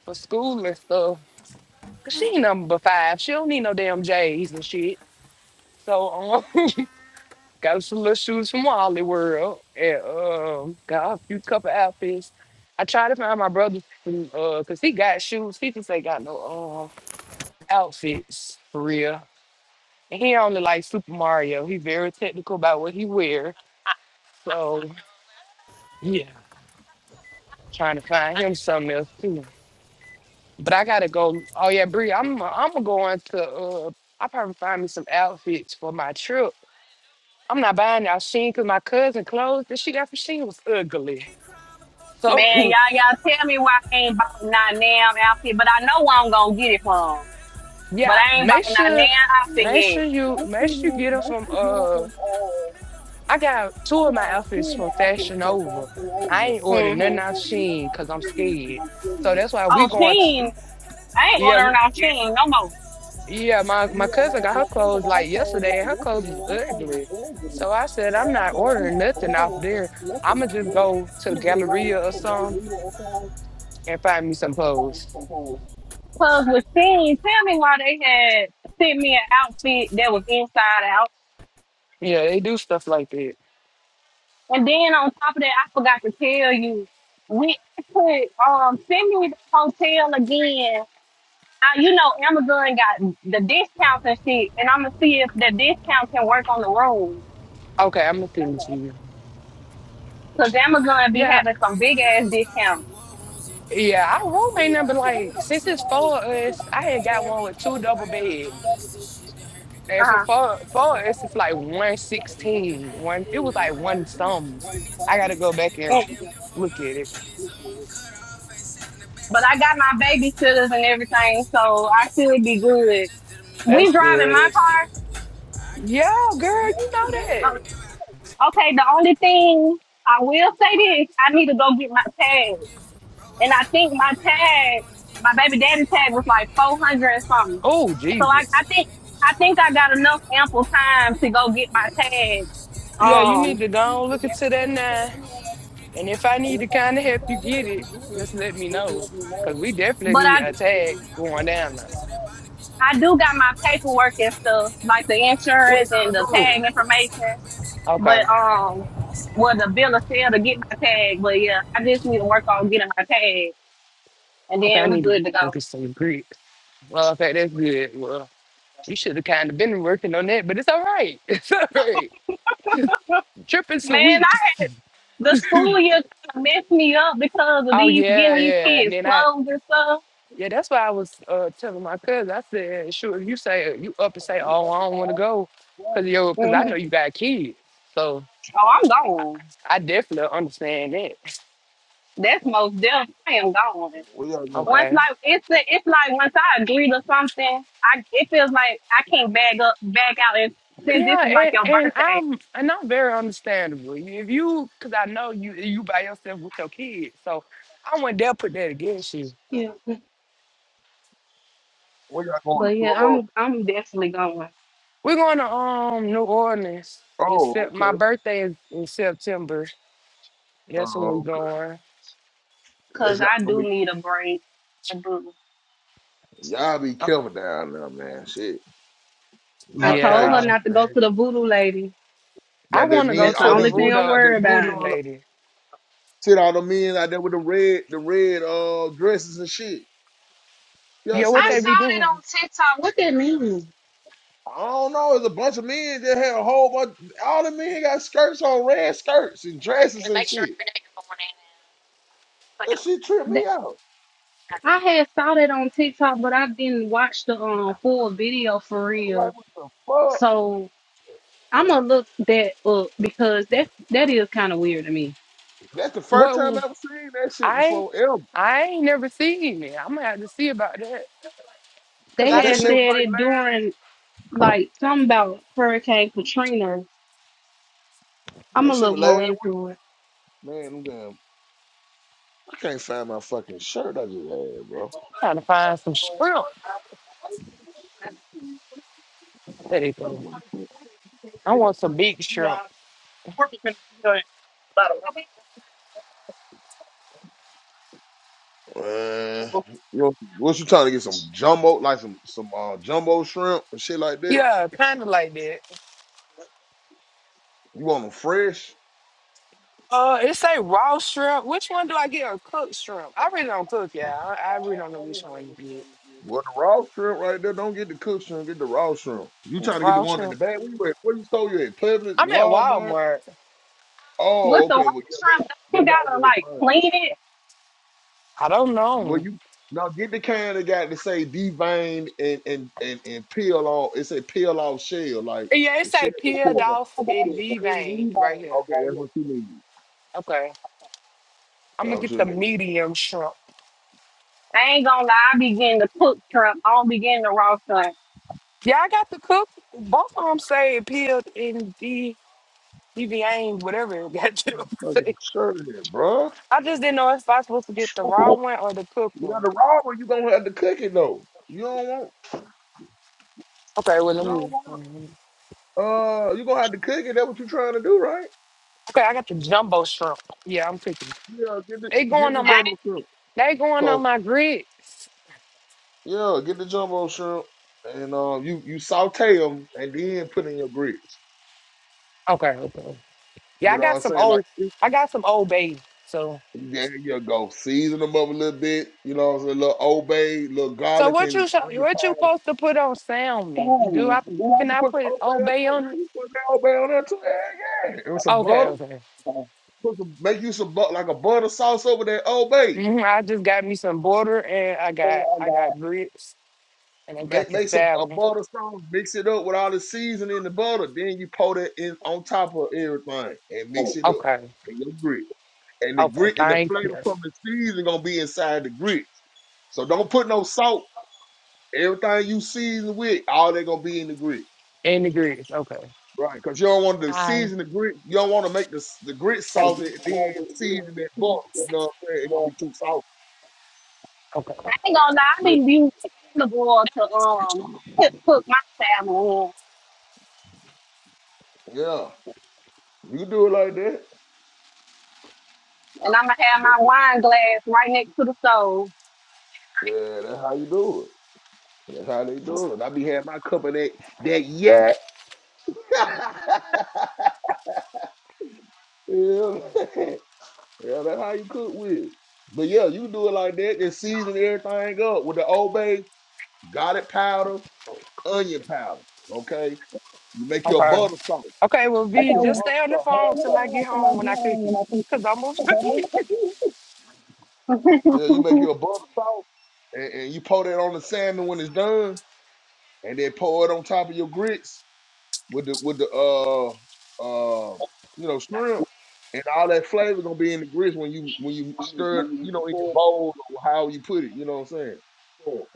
for school and stuff. Cause she number five. She don't need no damn J's and shit. So um, *laughs* got some little shoes from Wally World and um, got a few couple outfits. I tried to find my brother from uh, cause he got shoes. He just ain't got no uh, outfits for real. And he only like Super Mario. He very technical about what he wear. So yeah, trying to find him something else too. But I gotta go. Oh yeah, Bree, I'm I'm going to uh, I probably find me some outfits for my trip I'm not buying y'all Sheen because my cousin clothes that she got from Sheen was ugly. *laughs* Man, So y'all, y'all tell me why I ain't bought not damn outfit, but I know where I'm gonna get it from. But yeah, I ain't make bought not sure, damn make sure outfit you make sure you get them from. Uh, I got two of my outfits from Fashion Over. I ain't ordered yet. hmm nothing off Sheen because I'm scared. So that's why we Oh, going. To, Sheen, I ain't yeah, ordering w- on Sheen no more. yeah. My my cousin got her clothes like yesterday, and her clothes was ugly. So I said I'm not ordering nothing off there. I'ma just go to the Galleria or something and find me some clothes. Cause with Sheen, tell me why they had sent me an outfit that was inside out Yeah, they do stuff like that. And then on top of that, I forgot to tell you, we I put um send me the hotel again. I, you know, Amazon got the discounts and shit, and I'm gonna see if the discount can work on the room. Okay, I'm gonna send it to you. Cause Amazon be Yeah, having some big ass discounts. yeah, our room ain't nothing but like since it's four of us, I had got one with two double beds. Uh And for huh. four four of us, it's like one sixteen. One it was like one some. I gotta go back and look at it. But I got my babysitters and everything, so I should be good. We That's driving good. my That's good. Yeah, girl, you know car. that. Okay, the only thing I will say this, I need to go get my tag. And I think my tag, my baby daddy tag was like 400 and something. Oh, So I, Jesus. I think, I think I got enough ample time to go get my tag. Yeah, you Um, need to go and look into that now. And if I need to kind of help you get it, just let me know. Because we but definitely need I, a tag going down there. I do got my paperwork and stuff, like the Where insurance and the y'all going? tag information. But, Okay. um, well, the bill of sale to get my tag. But yeah, I just need to work on getting my tag and Okay, I then we're need to good to go. go get some Greek. Well, okay, that's good. Well, you should have kind of been working on that, but it's all right. *laughs* It's all right. Tripping some Man, weeks. I the *laughs* school oh year kind of messed me up because of these yeah, getting these yeah. And kids then I clothes and stuff. yeah, that's why I was uh telling my cousin. I said, sure, if you say you up and say, Oh, I don't wanna go because yo, cause I hmm know you got kids. So Oh, I'm gone. I definitely understand that. That's most definitely I am gone. Where y'all going? Once Okay. like it's it's like once I agree to something, I it feels like I can't bag up back out. And since this Yeah, was like and, your and birthday, I'm and I'm very understandable. If you, cause I know you you by yourself with your kids, so I wouldn't dare put that against you. yeah. Where y'all going to But yeah, Florida? I'm I'm definitely going We're going to um New Orleans. Except Oh, my okay. birthday is in September. That's when we're Oh, okay. going. That's because y'all I gonna do be need a break. I do. y'all be Uh, careful down there, man. Shit, a I lot of told crazy her yeah, shit, not to go man. to the voodoo lady. I Got that want to go men, That's the to all the only these men thing I'm voodoo out there. worried You seen about. voodoo all the, lady. seen all the men out there with the red, the red uh dresses and shit. Y'all Yeah, seen what I that they saw video? be that doing? on TikTok. Look at me. I don't know. It's a bunch of men that had a whole bunch. All the men got skirts on, red skirts and dresses and shit. That shit tripped me Th- out. I had saw that on TikTok, but I didn't watch the um full video for I'm like, real. what the fuck? So I'm gonna look that up because that's that is kind of weird to me. That's the first time I What ever seen that shit I before ever. I ain't never seen it. I'm gonna have to see about that, cause They Yeah, I've that had been shit was look, said like it during like something about Hurricane Katrina. last. I'm that gonna shit look was more last. into it. Man, them damn I can't find my fucking shirt I just had, bro. trying to find some shrimp. There they go. I want some big shrimp. Uh, you know, what you trying to get some jumbo, like some some uh, jumbo shrimp and shit like that? Yeah, kind of like that. You want them fresh? Uh, it say raw shrimp. Which one do I get? Or cooked shrimp? I really don't cook, yeah. I, I really don't know which one to get. Well, the raw shrimp right there. Don't get the cooked shrimp. Get the raw shrimp. You trying to get the Raw one in the shrimp. bag? Where you at? Where you stole you at? Publix, I'm at Walmart. Walmart. Oh, What the okay. water Well, yeah, shrimp? they they You got them gotta in the like fun. clean it. I don't Do know. you? Now get the kind that got to say deveined and and and and peel off. It say peel off shell, like Yeah, it the shell say is peeled peeled off. off and deveined right here. Okay, that's what you need. Okay, I'm That's gonna what get you the need. medium shrimp. I ain't gonna lie, I be getting the cooked shrimp. I don't be getting the raw shrimp. Yeah, I got the cook. Both of them say peeled and de deveined, whatever it *laughs* got to Fucking say. shirt it, bro. I just didn't know if I was supposed to get the raw one or the cooked You got one. the raw one, you gonna have to cook it though. You don't want Okay, well you don't want let me. uh you gonna have to cook it, that's what you trying to do, right? Okay, I got the jumbo shrimp. Yeah, I'm picking. Yeah, get the They going get the on I my ain't, jumbo shrimp. they going Cause on my grits. yeah, get the jumbo shrimp and um you, you saute them and then put in your grits. Okay, okay. Yeah, You I know what got I'm some saying? Like old there I got some old bay. So you yeah, yeah, go. Season them up a little bit, you know what I'm saying? A little obey, little so garlic what and you sho- onion what powder. you supposed to put on salmon? Do I can You can I put some put obey old on bay that, on you it? can put that obey on that too. Yeah, yeah. And with some Okay, butter. okay. Put some- Make you some bu- like a butter sauce over there, Old Bay. hmm I just got me some butter and I got I got grits and I got Make the make some a salmon. butter sauce, mix it up with all the seasoning and the butter. Then you pour that in on top of everything and mix it up. Okay. in your grit. And the Okay, grit and the thank you. flavor from the seasoning gonna be inside the grit. So don't put no salt. Everything you season with, all they gonna be in the grit. And the grits. Okay. Right. Cause you don't want to Hi. season the grit. You don't want to make the the grit Thank salty you. and then season that butter. You know what I'm saying? It's gonna be too salty. Okay. I ain't gonna lie, I Yeah. be using olive oil to um cook, cook my salmon in. Yeah. You can do it like that. And I'm gonna have my but. wine glass right next to the stove. Yeah, that's how you do it. That's how they do it. I be having my cup of that that yak. *laughs* yeah, *laughs* yeah, that's how you cook with it. But yeah, you do it like that, then season everything up with the Old Bay, garlic powder, onion powder. Okay, you make your Okay. butter sauce. Okay, well, You make V, your just butter stay on the sauce. phone till I get home when I cook it. Because I'm going to *laughs* *laughs* Yeah, you make your butter sauce, and, and you pour that on the salmon when it's done, and then pour it on top of your grits. with the with the uh uh you know shrimp and all that flavor gonna be in the grits when you when you stir it, you know, in your bowl or how you put it. You know what I'm saying?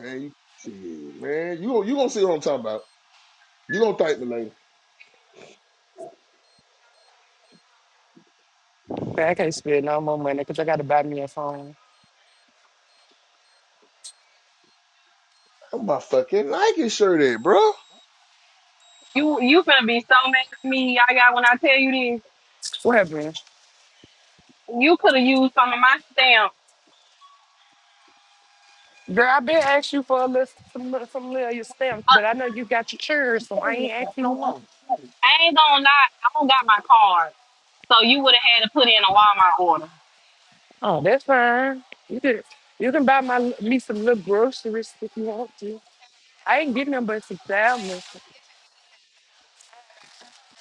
And you, shit, man, you gon- you gonna see what I'm talking about. You gonna thank me later. Okay, I can't spend no more money because I got to buy me a phone. Where my fucking Nike shirt at, bro? you you gonna be so mad at me, y'all, y'all, when I tell you this. What happened? You could have used some of my stamp. Girl, I been asked you for a list, some, li- some little of your stamps, Uh, but I know you got your chairs, so I I ain't ain't asking no more. gonna lie, I don't got my card. So you would have had to put in a Walmart order. Oh, that's fine. You can, you can buy my me some little groceries if you want to. I ain't getting them but some sandwiches.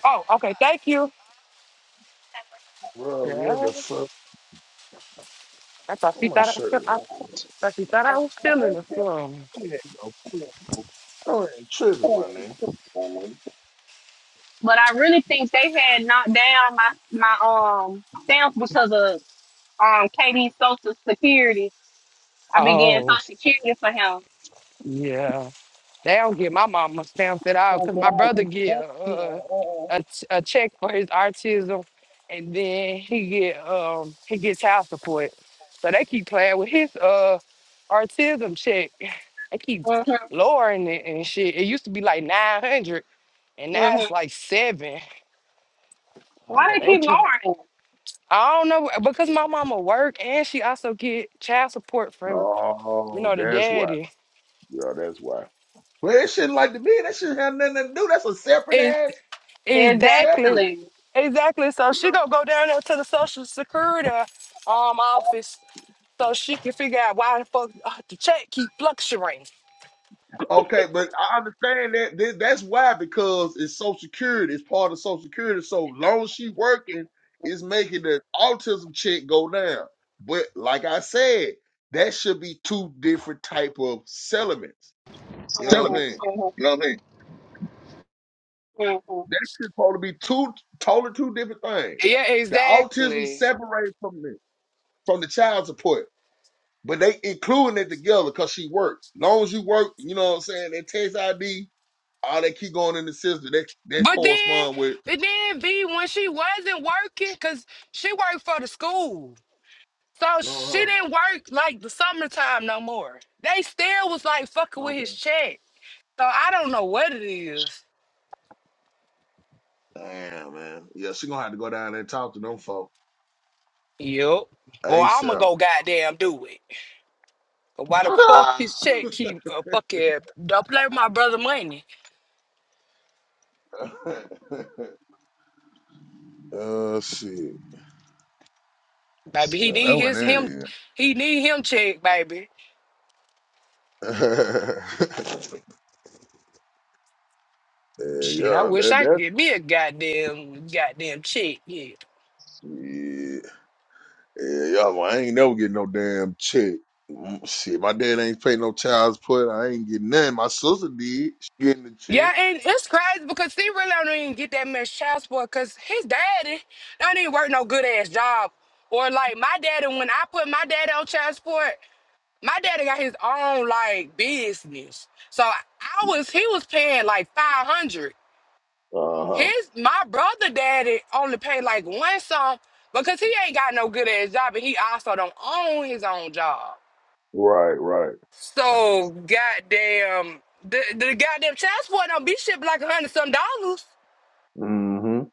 Oh, okay, thank you. Bro, what Yeah, the fuck? I thought she Where my thought I, was feel- shirt? I, At? thought she thought I was feeling or something. I ain't no- I ain't tripping, my nigga. But I really think they had knocked down my my um stamp because of um Katie's social security. I began Oh, social security for him. yeah. They don't get my mama stamps at all because my brother get uh, a, ch- a check for his autism, and then he get um he gets child support. So they keep playing with his uh autism check. They keep Mm-hmm, lowering it and shit. It used to be like nine hundred, and now mm-hmm. it's like seven. Why Yeah, they they keep pl- lowering I don't know uh, because my mama work and she also get child support from you Oh, know the that's why. daddy. Yeah, that's why. Well, that shouldn't like to me. That shouldn't have nothing to do. That's a separate It, ass, it? exactly. separate. Exactly. Exactly. So she gonna go down there to the social security um office so she can figure out why the fuck uh, the check keep fluctuating. Okay, but I understand that that- that's why because it's Social Security, it's part of Social Security. So long as she working, it's making the autism check go down. But like I said, that should be two different type of settlements. You know what Telling I'm me. Mm-hmm, saying? Mhm. You know what I mean? mm-hmm. That should probably be two totally two different things. Yeah, The autism exactly. separated from the from the child support. But they including it together because she worked. As long as you work, you know what I'm saying, that tax ID, all that keep going in the system, that that But then, correspond with but then B when she wasn't working, cause she worked for the school, so she Uh-huh. didn't work like the summertime no more. They still was like fucking with his Okay. check. So I don't know what it is. Damn man. Yeah, she gonna have to go down there and talk to them folk. Yup. Or I'ma ASAP. go goddamn do it. But why the fuck his check *laughs* keep uh, fucking don't play with my brother money, oh shit. baby? He Yeah, need that what his him, that is. he need him check, baby. *laughs* yeah, Shit, I yeah, wish that I could that get me a goddamn goddamn check. Yeah, shit. Yeah, y'all, I ain't never get no damn check. Mm, Shit, my dad ain't pay no child support. I ain't getting nothing. My sister did. She getting the check. yeah, and it's crazy because he really don't even get that much child support because his daddy don't even work no good ass job. Or like my daddy, when I put my daddy on child support, my daddy got his own like business. So I was he was paying like five hundred. Uh huh. His my brother daddy only paid like one sum because he ain't got no good ass job and he also don't own his own job. Right, right. So goddamn the, the goddamn child support don't be shit but like a hundred some dollars. Mm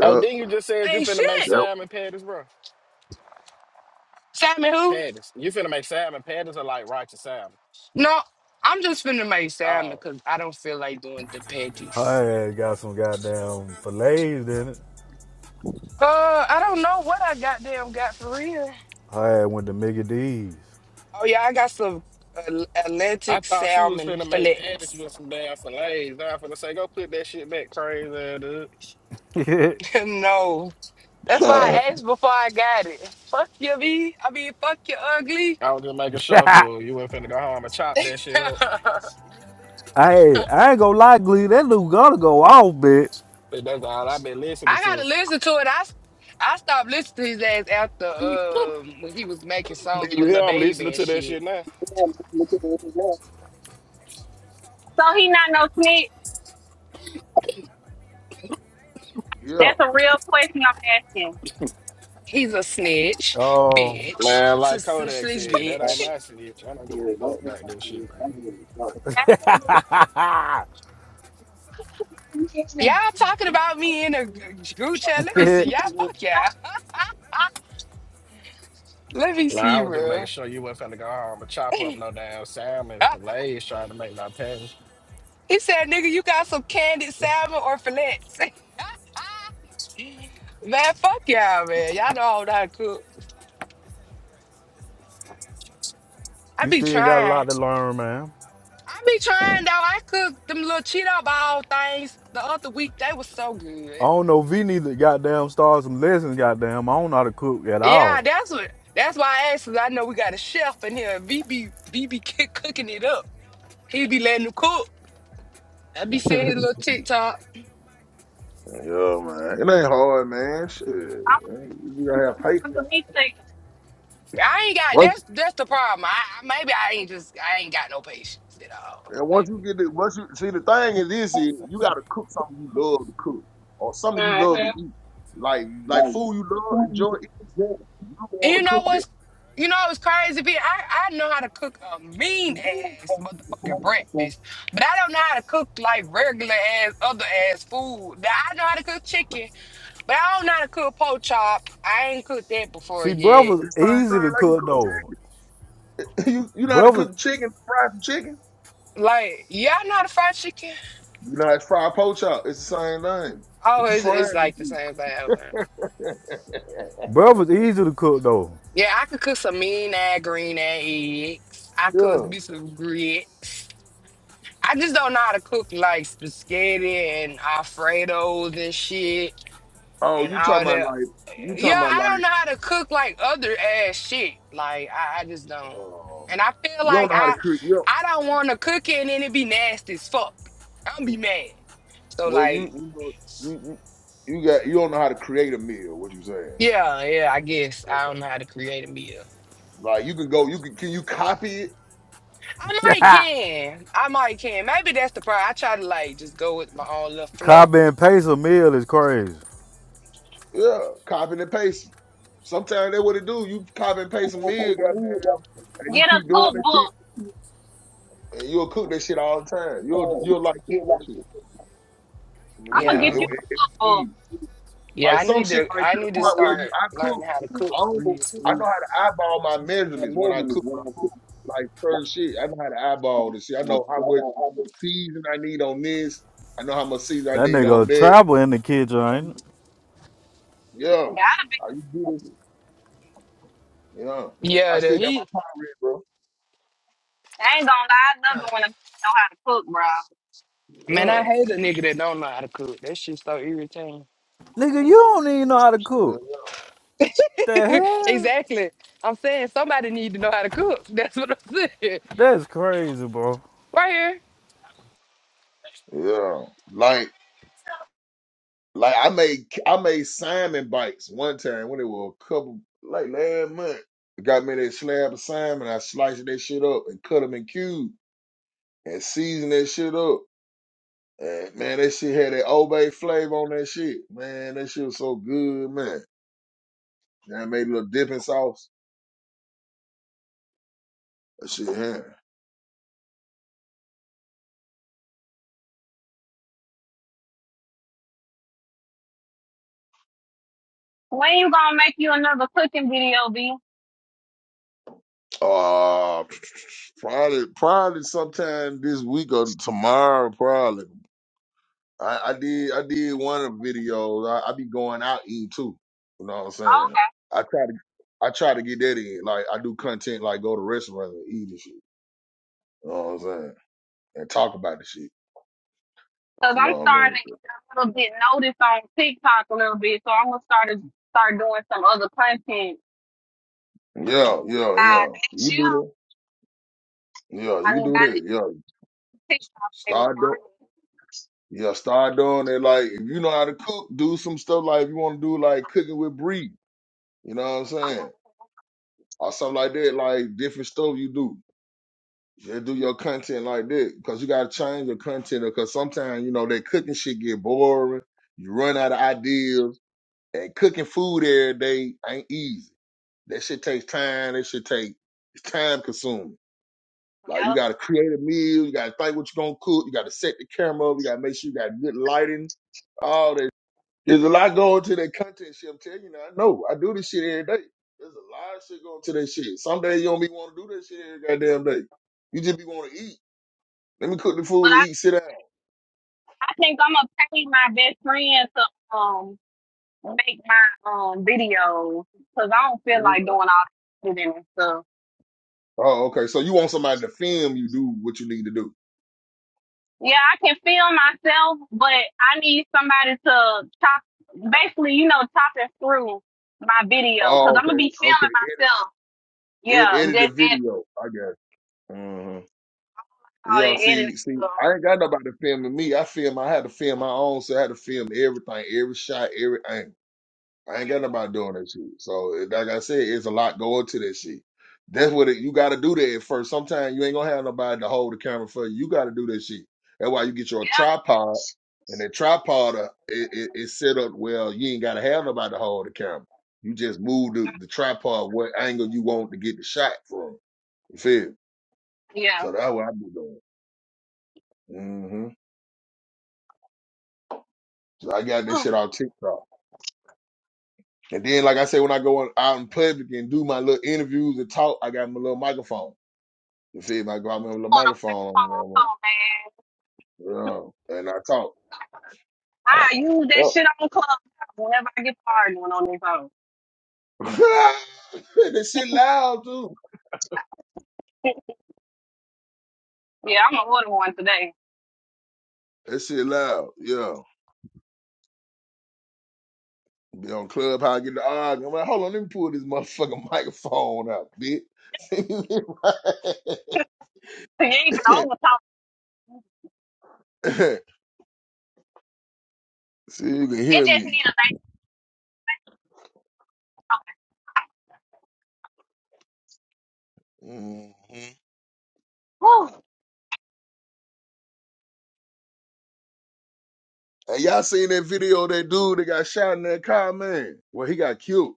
Oh, then you just said you Ain't finna make shit. that, salmon patties, bro. Sammy who? Patties. You finna make salmon patties are like righteous salmon. No, I'm just finna make Sammy Oh. because I don't feel like doing the petties. Her ass got some goddamn fillets in it. Uh, I don't know what I goddamn got for real. Her ass went to Mickey D's. Oh yeah, I got some uh, I Atlantic thought she was salmon finna make patties fillets. with some damn fillets. Now I'm finna say, go put that shit back crazy, ass dude. *laughs* hey, *laughs* no. *laughs* That's why hmm. I asked before I got it. Fuck you, me. I mean, fuck you, ugly. I was just making sure for you ain't finna go home and chop that *laughs* shit up. I I ain't gonna lie, Glee. That dude gonna go off, bitch. But that's all I've been listening gotta to. listen to it. I s- I stopped listening to his ass after um when he was making Then songs you with hear Lil I'm Baby listening and to that shit. shit now. So he not no snitch. yeah, That's a real question I'm asking. He's a snitch, Oh, bitch, Man, S- like s- Kodak snitch, said, that ain't bitch. my snitch. I don't give a fuck about that shit, man. Y'all talking about me in a g- group chat? Um, Let me *laughs* see. Y'all, *laughs* fuck y'all. *laughs* Let me Like, see, I was just making bro. sure you wasn't finna go home and *laughs* chop up he no damn salmon fillets trying to make my patties. said, "Nigga, you got some candied salmon or filets, *laughs* man, fuck y'all, man. Y'all know how to cook. I you be still got a lot trying. to learn, man. I be trying though. I cooked them little Cheeto ball things the other week. They was so I good. don't know. V need to goddamn start some lessons, goddamn. I don't know how to cook at Yeah, all. that's what. That's why I asked. 'cause I know we got a chef in here. BB BB keep *laughs* cooking it up. He be letting them cook. I be *laughs* seeing his little TikTok. yeah, man. It ain't hard, man. Shit, Ain't- you gotta have patience. I'm gonna be thinking. I ain't got. Once, That's that's the problem. I I- maybe I ain't just. I ain't got no patience at all. and once Maybe. you get it, once you see the thing is this is you gotta cook something you love to cook or something you love to Mm-hmm. eat, like like food you love enjoy. eating. You don't And want you to know cook that. what's you know what's crazy? Be I, I know how to cook a mean ass motherfucking breakfast, but I don't know how to cook like regular ass other ass food. Now, I know how to cook chicken, but I don't know how to cook pork chop. I ain't cooked that before See, yet. breakfast It's the same thing easy to like you cook. cook though. *laughs* you you know how to cook Breakfast, chicken, fry some chicken. Like, yeah, I know how to fry chicken. You know how to fry a poach out. It's the same thing. *laughs* Oh, it's, it's Frying the like the shit. same thing. Okay. breakfast easy to cook though. Yeah, I could cook some mean ass green ass eggs. I could Yeah. be some grits. I just don't know how to cook like spaghetti and Alfredos and shit. Oh, and you all talking about that. like you Yeah, talking about I like don't know how to cook like other ass shit. Like I, I just don't. um, And I feel you don't like know how to I create. You don't- I don't want to cook it and then it be nasty as fuck. I'll be mad. So well, you like, you know, you you you got you don't know how to create a meal. What you saying? yeah, yeah, I guess I Okay. don't know how to create a meal. Like you can go. You can can you copy it? I might Ah, can. I might can. Maybe that's the problem. I try to like just go with my own little flow. Copy and paste a meal is crazy. Yeah, copy and paste. Sometimes they what it do. You copy and paste a meal, goddamn, and you Get a keep doing that shit, cookbook. and you'll cook that shit all the time. You'll you'll like cooking that shit. You know I'm what I gonna mean? It, get Yeah. you it, a it be cookbook. easy. Yeah, Like I some need shit, to like to I the need to point where you, start I learning cook. how to I cook for don't. real. I know how to eyeball my measurements when I cook my food. Like certain shit, I know how to eyeball this shit. I know how much season I need on this. I know how much season I That need on nigga that. travel in the kitchen, ain't it? Yeah, Gotta be. how you do this? Yeah, I Yeah, the still got heat. my pot red, I ain't gonna lie, I *sighs* love it when a bitch know how to cook, Man, I bro. hate a nigga that don't know how to cook. That shit's so irritating. Nigga, you bro. don't even know how to cook. Yeah, The *laughs* hell? exactly. I'm saying somebody need to know how to cook. *laughs* That's what I'm saying. That's crazy, bro. Right here. Uh, yeah. Like. Like I made I made salmon bites one time when it was a couple like last month. I got me that slab of salmon. I sliced that shit up and cut them in cubes and seasoned that shit up. And man, that shit had that Old Bay flavor on that shit. Man, that shit was so good, man. And I made a little dipping sauce. That shit here. When you gonna make you another cooking video, B? Uh, *tsk* probably probably sometime this week or tomorrow, probably. I, I did I did one of the videos. I, I be going out eating too. You know what I'm Oh, saying? Okay. I try to I try to get that in. Like I do content like go to restaurants and eat and shit. You know what I'm saying? And talk about the shit. Cause You I'm know what I mean? starting to get a little bit noticed on TikTok a little bit, so I'm gonna start to start doing some other content. Yeah, yeah, Uh, yeah. You next can year, do that. Yeah, you I can need I do that. need Yeah. a TikTok famous Start doing money. yeah, start doing it like if you know how to cook, do some stuff like if you want to do like cooking with Bree, you know what I'm saying? Or something like that, like different stuff you do. Yeah, do your content like that because you gotta change your content because sometimes you know that cooking shit get boring. You run out of ideas, and cooking food every day ain't easy. That shit takes time. That shit take it's time consuming. Like you gotta create a meal. You gotta think what you gonna cook. You gotta set the camera up. You gotta make sure you got good lighting. All that. There's a lot going to that content shit. I'm telling you now. I know. I do this shit every day. There's a lot of shit going to that shit. Some days you don't be want to do that shit every goddamn day. You just be want to eat. Let me cook the But food and I, eat. Sit down. I think I'm gonna pay my best friend to um make my um videos because I don't feel Yeah. like doing all that editing and stuff. Oh, okay. So you want somebody to film you do what you need to do? Yeah, I can film myself, but I need somebody to chop, basically, you know, chopping through my video because Oh, I'm gonna okay, be okay. filming Edit, myself. edit, Yeah, just edit the edit video. I got. You. hmm all the Yeah. editing See, see, stuff. I ain't got nobody filming me. I film. I had to film my own. So I had to film everything, every shot, every angle. I ain't got nobody doing that shit. So it- like I said, it's a lot going to that shit. That's what it, you got to do that at first. Sometimes you ain't gonna have nobody to hold the camera for you. You got to do that shit. That's why you get your tripod, and that tripod uh, it, it, it's set up well. You ain't gotta have nobody to hold the camera. You just move the, the tripod what angle you want to get the shot from. You feel? me? Yeah, yeah. So that's what I be doing. hmm So I got Ooh, this shit on TikTok. And then, like I said, when I go on, out in public and do my little interviews and talk, I got my little microphone. You feel me? Like, I got me with a want a microphone on the microphone so bad. mama. Yeah. And I talk. I use that Oh. shit on club whenever I get hard one on this phone. *laughs* that shit loud too. Yeah, I'm gonna order one today. *laughs* That shit loud. Yeah. Be on club how I get the arguing. I'm like, hold on, let me pull this motherfucking *laughs* microphone out, bitch. You ain't even over *laughs* talk. See, you can It hear just me. need a nice talk. hmm Ooh, And y'all seen that video of that dude that got shot in that car, man? Well, he got killed.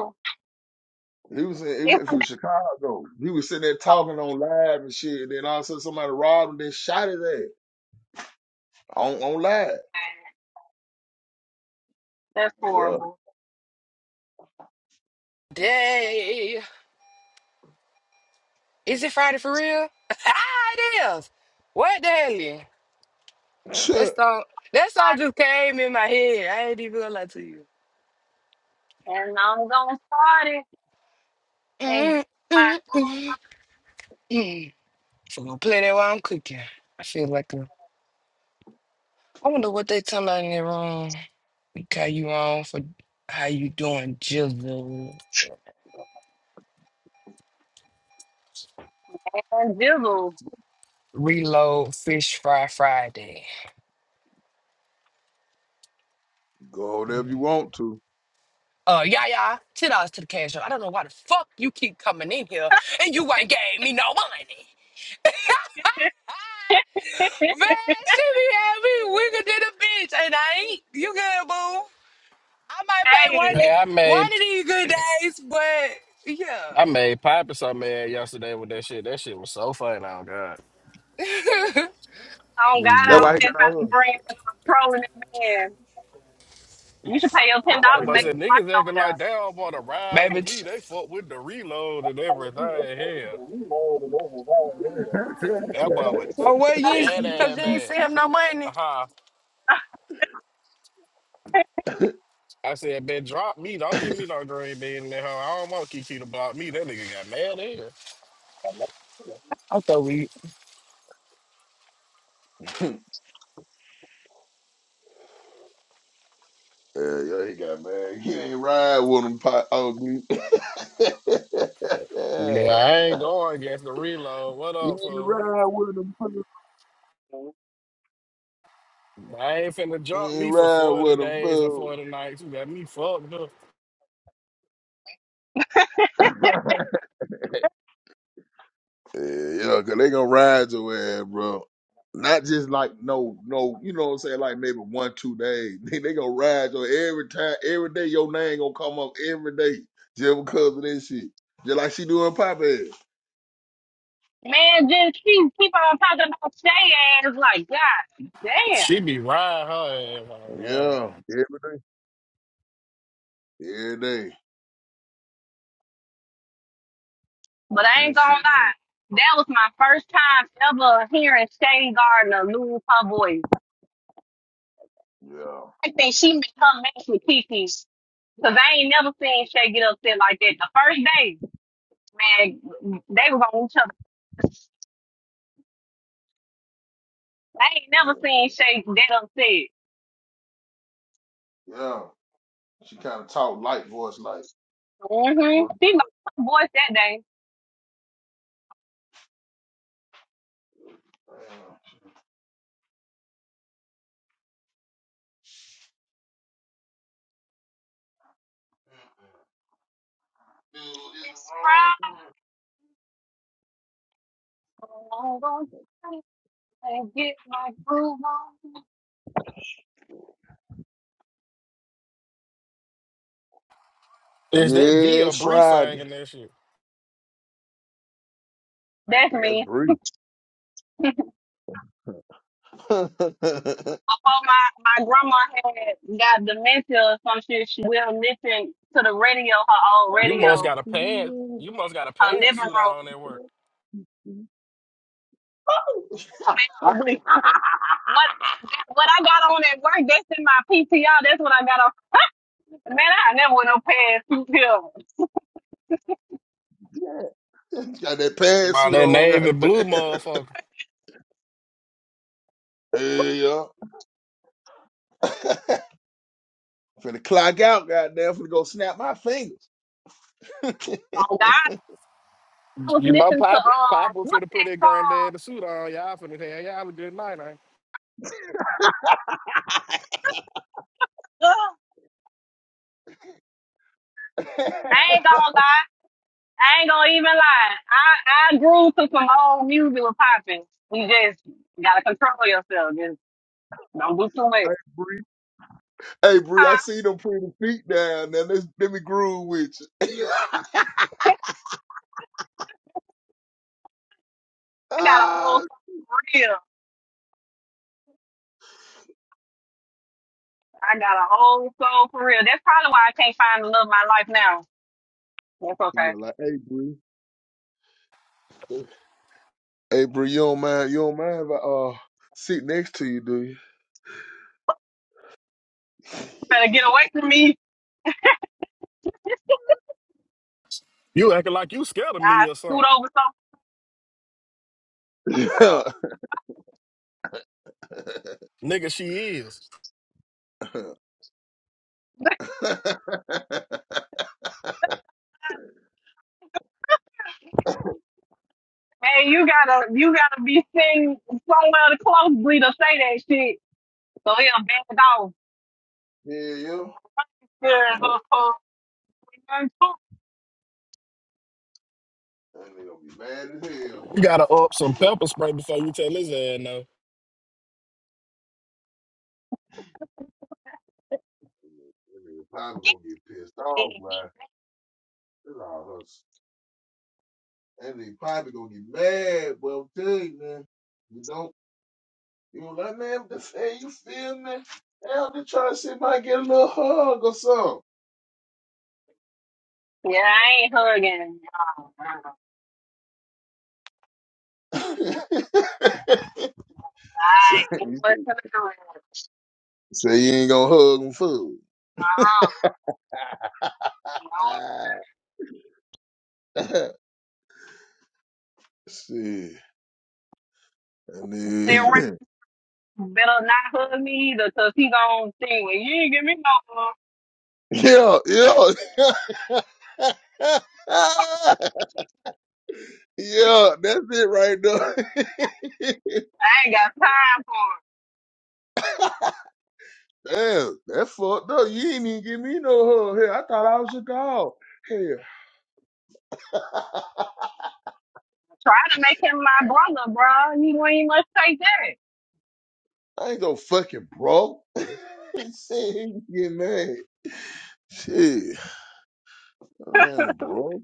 ooh, He was in, he it's was some from Chicago. He was sitting there damn. talking on live and shit. And then all of a sudden, somebody robbed him, and then shot his ass. On on live. man. That's Yeah. horrible. Day. Is it Friday for real? *laughs* ah, it is. What the hell? *laughs* That Shit. song, that song just came in my head. I ain't even gonna lie to you. And I'm gonna start it. And *laughs* my Mm, mm, mm, mm. So I'm gonna play that while I'm cooking. I feel like a, I wonder what they talking about in the room. We call you on for how you doing, Jizzle. God, Jizzle. Reload Fish Fry Friday. Go over there if Mm. you want to. Uh, yeah, yeah, ten dollars to the cash. app. I don't know why the fuck you keep coming in here and you ain't gave me no money. *laughs* Man, she be having me wiggled to the bitch, and I ain't. You good, boo? I might pay Hey, one Hey, I made one of these good days, but I made Piper so mad yesterday with that shit. That shit was so funny. Oh god. yeah, on We God, That's I why did. was he just got out about to here. bring up a trolling man. You should pay your ten That's why dollars and Somebody make said a he fight niggas over acting like they don't want to *laughs* ride baby. with me. t- They fuck with the reload and everything. Hell, that boy was Oh well, dead you because ass you there. ain't bad. send him no money. Uh-huh. I said, man, drop me. Don't give me no green bean in that hoe. I don't want Kiki to block me. That nigga got mad here. I thought we got *laughs* Yeah, yeah, he got mad. He ain't ride with him, pot ugly. *laughs* Yeah, I ain't going against the reload. What You up, ain't fool? ride with him, fool. I ain't finna You drop ain't me for ride 40 with him, days and fool. 40 nights. You got me fucked up. *laughs* Yeah, you know, cause they gonna ride your ass, bro. Not just like no, no, you know what I'm saying, like maybe one, two days. *laughs* They, they gonna ride your every time, every day your name gonna come up every day just because of this shit. Just like she doing pop ass. Man, just keep keep on talking about Shay ass like God She damn. be riding her ass. Oh, God. Yeah, every day. Every day. But I Let me ain't gonna see. lie, that was my first time ever hearing Shay Gardner lose her voice. Yeah, I think she made her match with Kiki 'cause I ain't never seen Shay get upset like that. The first day, man, they was on each other. I ain't never seen Shay that upset. yeah. She kind of talk light voice like. Mm-hmm. What? She know her voice that day. Dude, it's It's the Friday. wrong I'm gonna party and get my groove on. one. Is that V Yeah, or Bree Friday. singing that shit? That's That me. brief. *laughs* Before my, my grandma had got dementia or some shit, she will listen to the radio, her *laughs* old You must radio, got a pants. got You must got a her living pantsuit on room. at work. Basically, What what I got on at work, that's in my PTR, that's what I got on. Man, I never went up past two pills. that About pantsuit that on, navy goddamn. blue motherfucker. Hey, yeah. *laughs* finna clock out, goddamn. Finna go snap my fingers. *laughs* hey, Oh God, I was You know, listening to Papa, um Papa what's finna put that that granddad a suit on. Y'all finna tell y'all a good night, ain't song? I ain't gonna lie. I ain't gonna even lie. I, I grew to some old music was popping. You just gotta control yourself. Just don't do too much. Bree. Hey, Bree, I Huh? see them pretty feet down there. Let's, let me groove with you. *laughs* I got a Ah, old soul for real. I got a old soul for real. That's probably why I can't find the love of my life now. That's you okay. go like, hey, Bree. Hey, Bree, you don't mind, you don't mind if I uh, sit next to you, do Better get away from me. You acting like you scared of I me or scoot something. over something. you? *laughs* Nigga, she is. Yeah. *laughs* Hey, you gotta you gotta be sitting somewhere to closely to say that shit. So he'll back off. Hell yeah. That nigga gonna be mad as hell, You boy. gotta up some That pepper spray before you tell his ass no. nigga probably gonna get pissed off, Yeah. boy. *laughs* That's all us. That nigga probably gonna get mad, boy. I'm telling you, man. You don't, you know, like, man, this, hey, you feel me? Hell, just trying to see if I get a little hug or something. Yeah, I ain't hugging. No, no, no. *laughs* so, I ain't you say, listening to it. say you ain't gonna hug him, fool. Uh-huh. Don't Ah, *laughs* shit. I sit around. mean, Better not hug me either, 'cause he gonna think, well, you ain't give me no hug. *laughs* yeah, yeah. *laughs* Yeah, that's it right there. I ain't got time for him. *laughs* Damn, that's fucked up. You ain't even give me no hug. Hell, I thought I was your dog. Hell, Try to make him my brother, bro. You ain't much even must take that. *laughs* I ain't no fucking bro. *laughs* Shit, he get mad. Shit, damn, bro.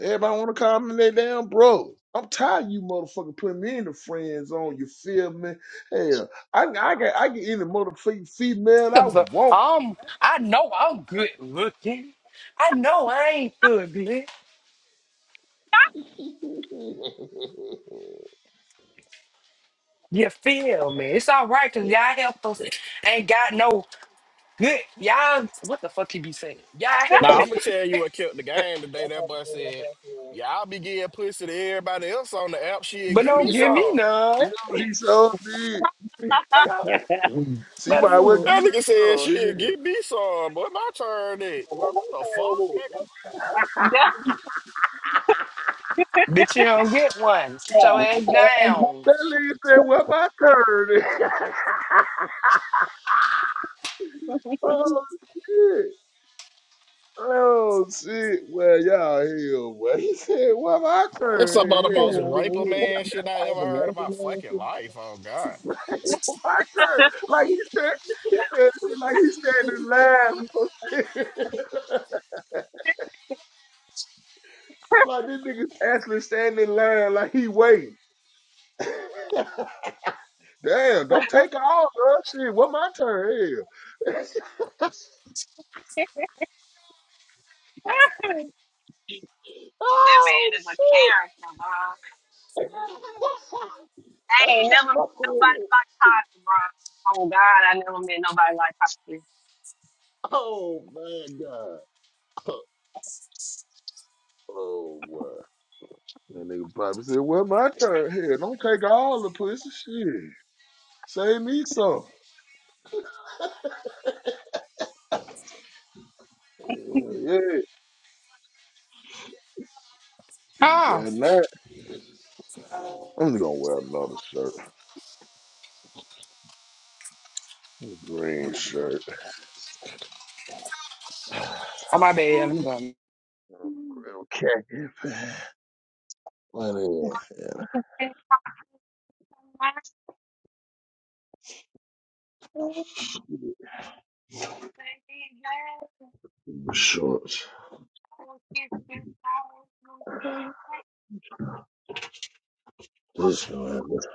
Everybody want to call me they damn bro. I'm tired of you motherfucker putting me in the friend zone. You feel me? Hell, I I get I get any motherfucking female I So, want. um, I know I'm good looking. I know I ain't ugly. You feel me? It's all right because y'all helpers ain't got no good. Y'all, what the fuck he be saying? Y'all Now, helpers, I'm gonna tell you what killed the game today. That boy said, Y'all be getting pussy to everybody else on the app. Shit, but give *laughs* don't me yeah, give me some. none. Yo, he so big. No, I know, She better might well give one. me That nigga said some shit, hell. get me some, boy. My turn it. Well, what the fuck, nigga? that Bitch, you don't get one. Sit your ass down. That nigga said, "What my turn?" *laughs* oh shit! Oh shit! Well, y'all hell. Well, he said, "What my That's turn?" some of in the most hell. *laughs* raper man shit I ever heard in my fucking life. Oh god. my turn? Like he said, he said, shit *laughs* like he standing in line. for shit. *laughs* like this nigga actually standing in line, like he waiting. *laughs* Damn! Don't take all of us. Shit, what my turn? in Hell. that man Oh is a character, shit! bro. *laughs* I ain't never met nobody oh like Poppy, bro. Oh, God, I never met nobody like oh my God. *laughs* Oh my! That nigga probably said, Well, my turn here. Don't take all the pussy shit. Save me some. Hell yeah. Huh? That night. I'm just gonna wear another shirt. Green shirt. *sighs* Real Oh, my bad. I'm done. khaki pants. My name Poppy. the shorts. Thank you. This one. This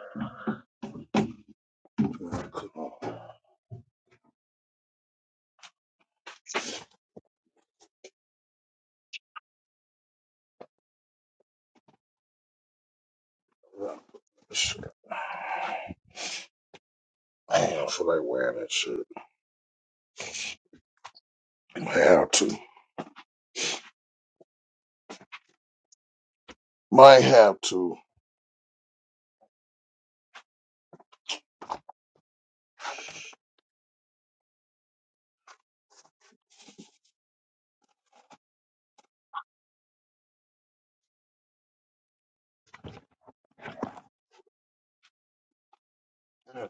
one. Come on. This- *sighs* I don't feel like wearing that shit. Might have to. Might have to. Yeah,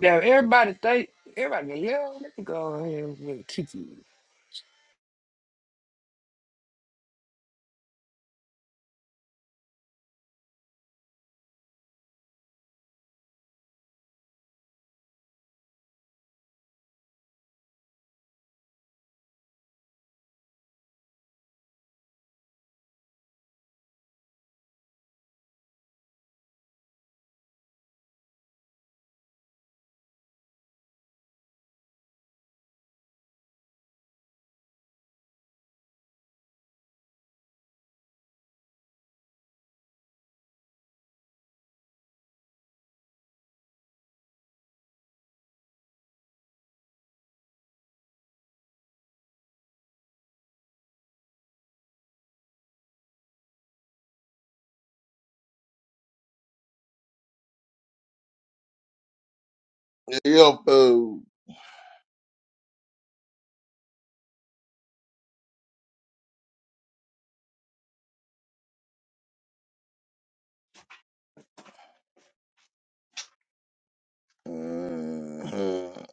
Yeah, everybody think, everybody, yeah, let me go ahead and get Kiki. Yo, food. Mhm.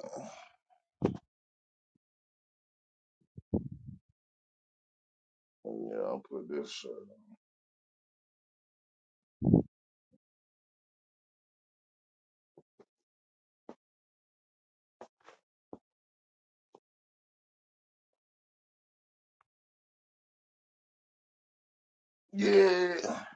Yeah, I'll put this shirt on. Yeah. *sighs*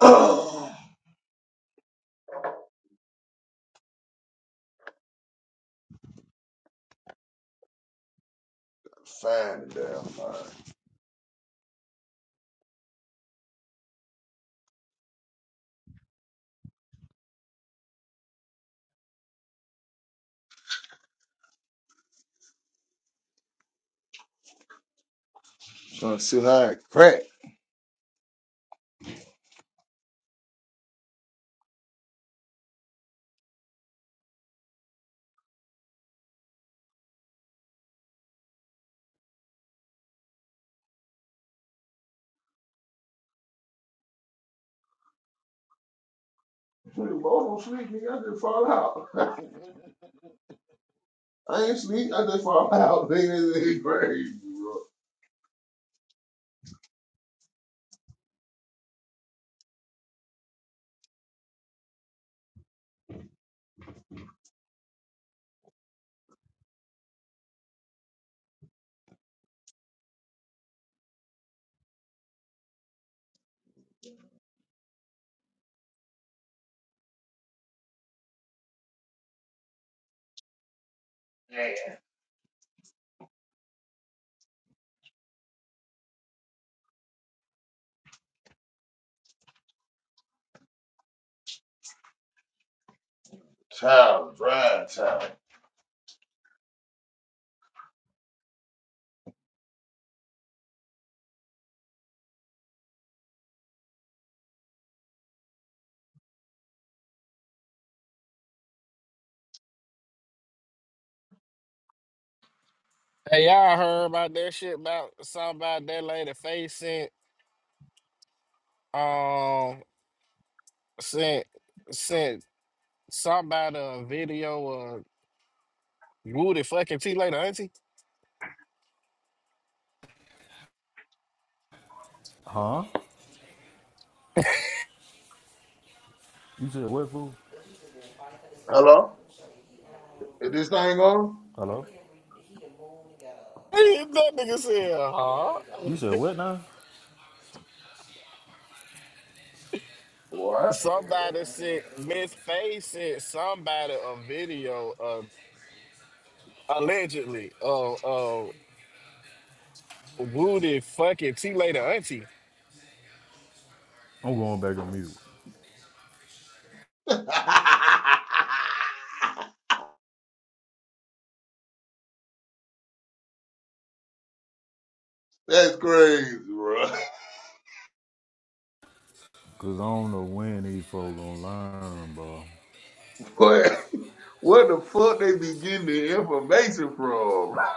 Oh, Find the damn thing. Trying to see how I crack. Dude, both don't sleep, nigga. I just fall out. *laughs* I ain't sleep. I just fall out. *laughs* Nigga, this is crazy, bro. Child, drive, child. Hey, y'all heard about that shit about something about that lady face sent um sent sent somebody a video of Woody fucking T later, auntie? *laughs* Huh? You said what, fool? Hello? Is this thing on? Hello? That nigga said, You huh? said what now? What? Somebody sent Miss Faye sent somebody a video of allegedly. of. Woody fucking T later auntie. I'm going back on mute. *laughs* That's crazy, bro. Cause I don't know when these folks gonna learn, bro. *laughs* Boy. What the fuck they be getting the information from? *laughs*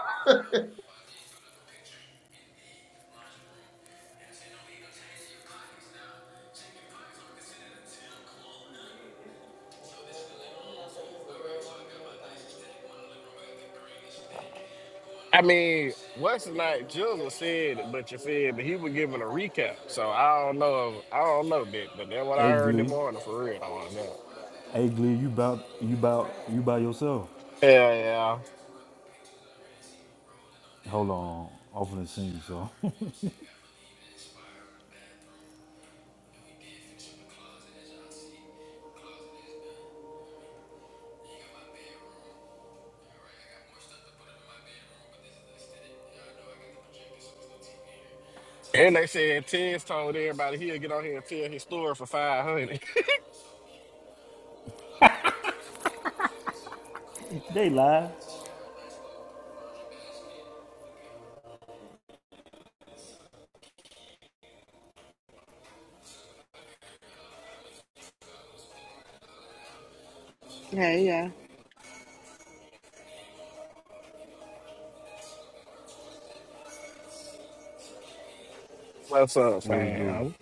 I mean, what's it like Jizzle said it, but you feel but he was giving a recap. So I don't know I don't know that, but that's what I Hey heard the Glee. morning for real on that. Hey Glee, you bout you bout you by yourself. Yeah, yeah. Hold on. I'm finna sing you so *laughs* And they said Ted's told everybody he'll get on here and tell his story for five hundred. Hey, yeah. *laughs* What's up, what it do? fam?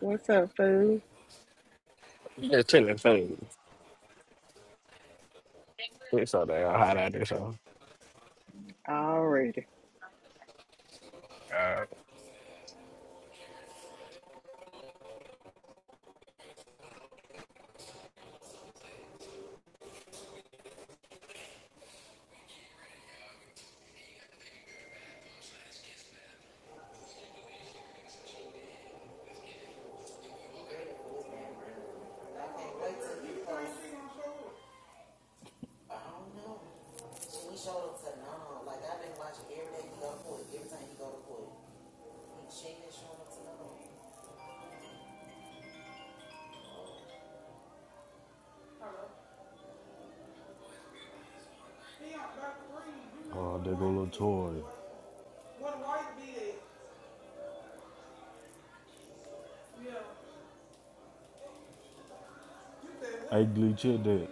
What's up, food? Just chilling things. It's so damn hot out there, so Alrighty, uh, Oh, there go little toy. Hey Glee, check that.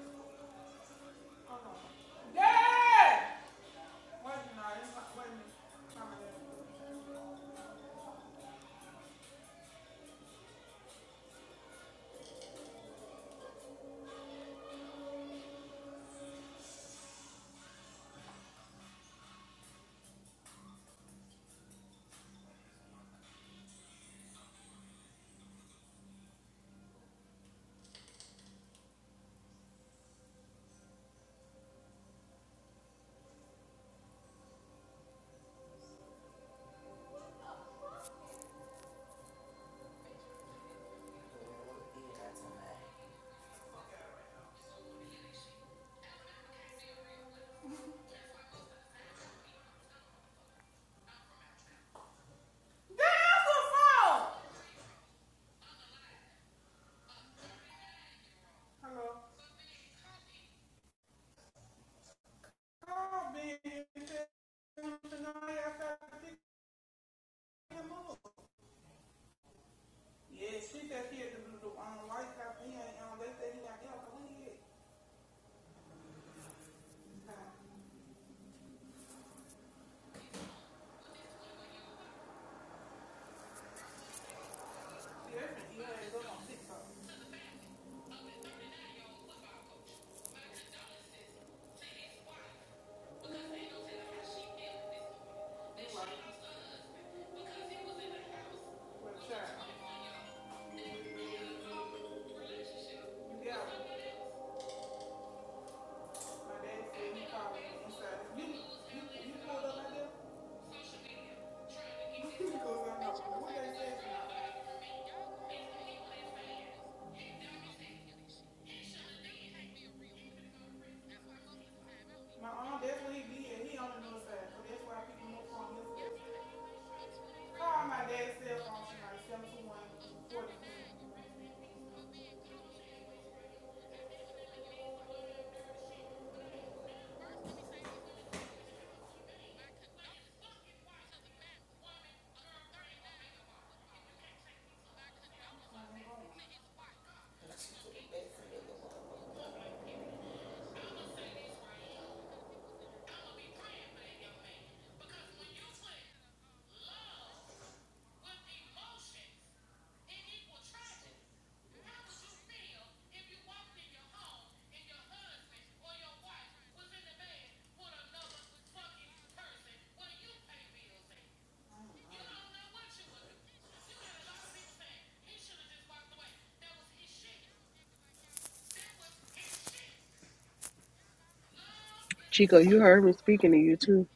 Chico, you heard me speaking to you too.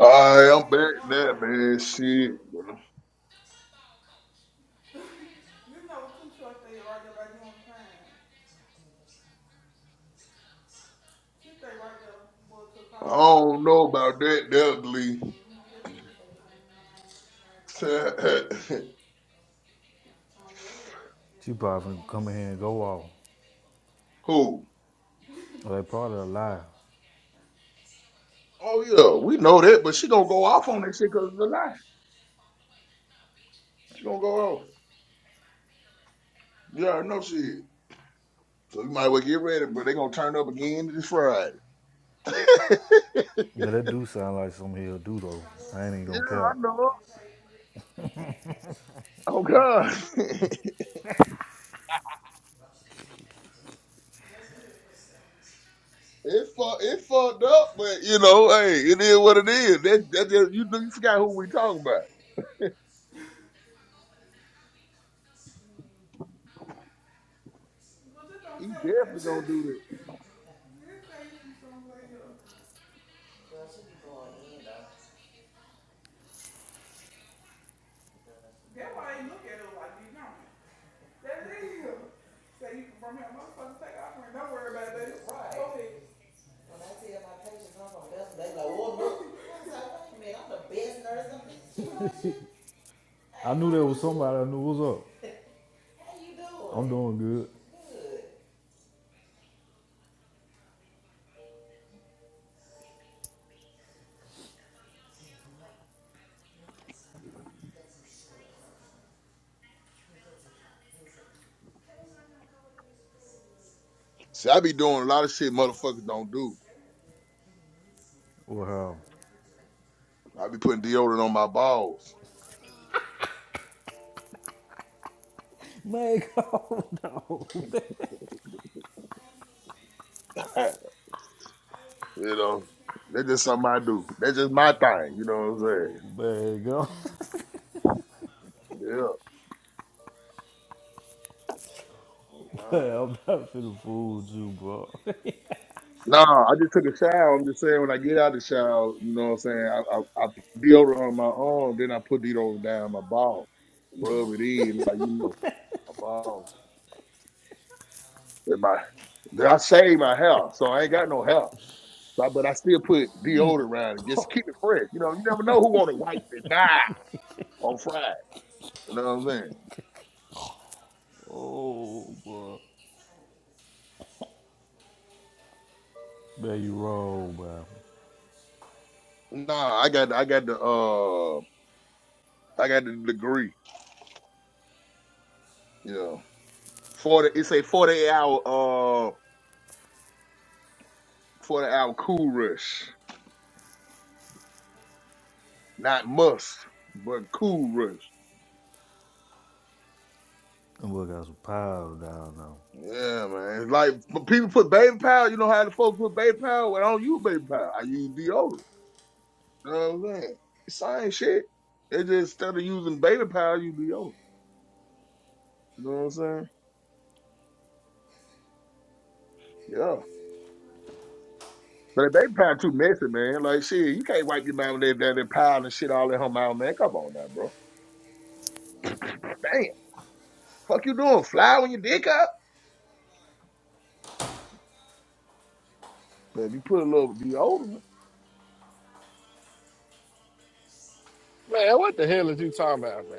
Alright, I'm back now, man. Shit. I don't know about that Dudley. *laughs* She probably finna come in here and go off. Who? Or they probably a lie. Oh yeah, we know that, but she gonna go off on that shit because it's a lie. She gonna go off. You already know shit. So you might as well get ready, but they gonna turn up again this Friday. *laughs* But that do sound like something he'll do though. I ain't even Yeah, gonna I count. know. Oh God, *laughs* it fu it fucked up, but you know, hey, it is what it is. That that, that you you forgot who we talking about. He definitely gonna do that. I knew there was somebody I knew was up. I'm doing good. See, I be doing a lot of shit motherfuckers don't do. Well, how? I be putting deodorant on my balls. *laughs* you know, that's just something I do. That's just my thing. You know what I'm saying? There you go. *laughs* Yeah. Oh *laughs* Man, God. I'm not finna fool you, bro. *laughs* Nah, I just took a shower. I'm just saying when I get out of the shower, you know what I'm saying? I, I, I put deodorant on my arm, then I put deodorant down my ball, rub it in, like you know, my ball. And my, then I shave my hair, so I ain't got no hair. But, but I still put deodorant around it. Just keep it fresh. You know, you never know who want to wipe it now on Friday. You know what I'm saying? Oh, bro. Man, you wrong, man. Nah, I got I got the uh I got the degree. You know, forty. It's a forty hour uh forty hour cool rush, not must, but cool rush. I'm gonna got some piles down now. Yeah, man. It's like but people put baby powder. You know how the folks put baby powder? Well, I don't use baby powder. I use deodorant. You know what I'm saying? It's Same shit. It just instead of using baby powder, you deodorant. You know what I'm saying? Yeah. But if they playing too messy, man, like shit, you can't wipe your mouth with that that that pile and shit all that home out, man. Come on now, bro. Damn. Fuck you doing? Fly when your dick up? But if you put a little deodorant. man, what the hell is you talking about, man?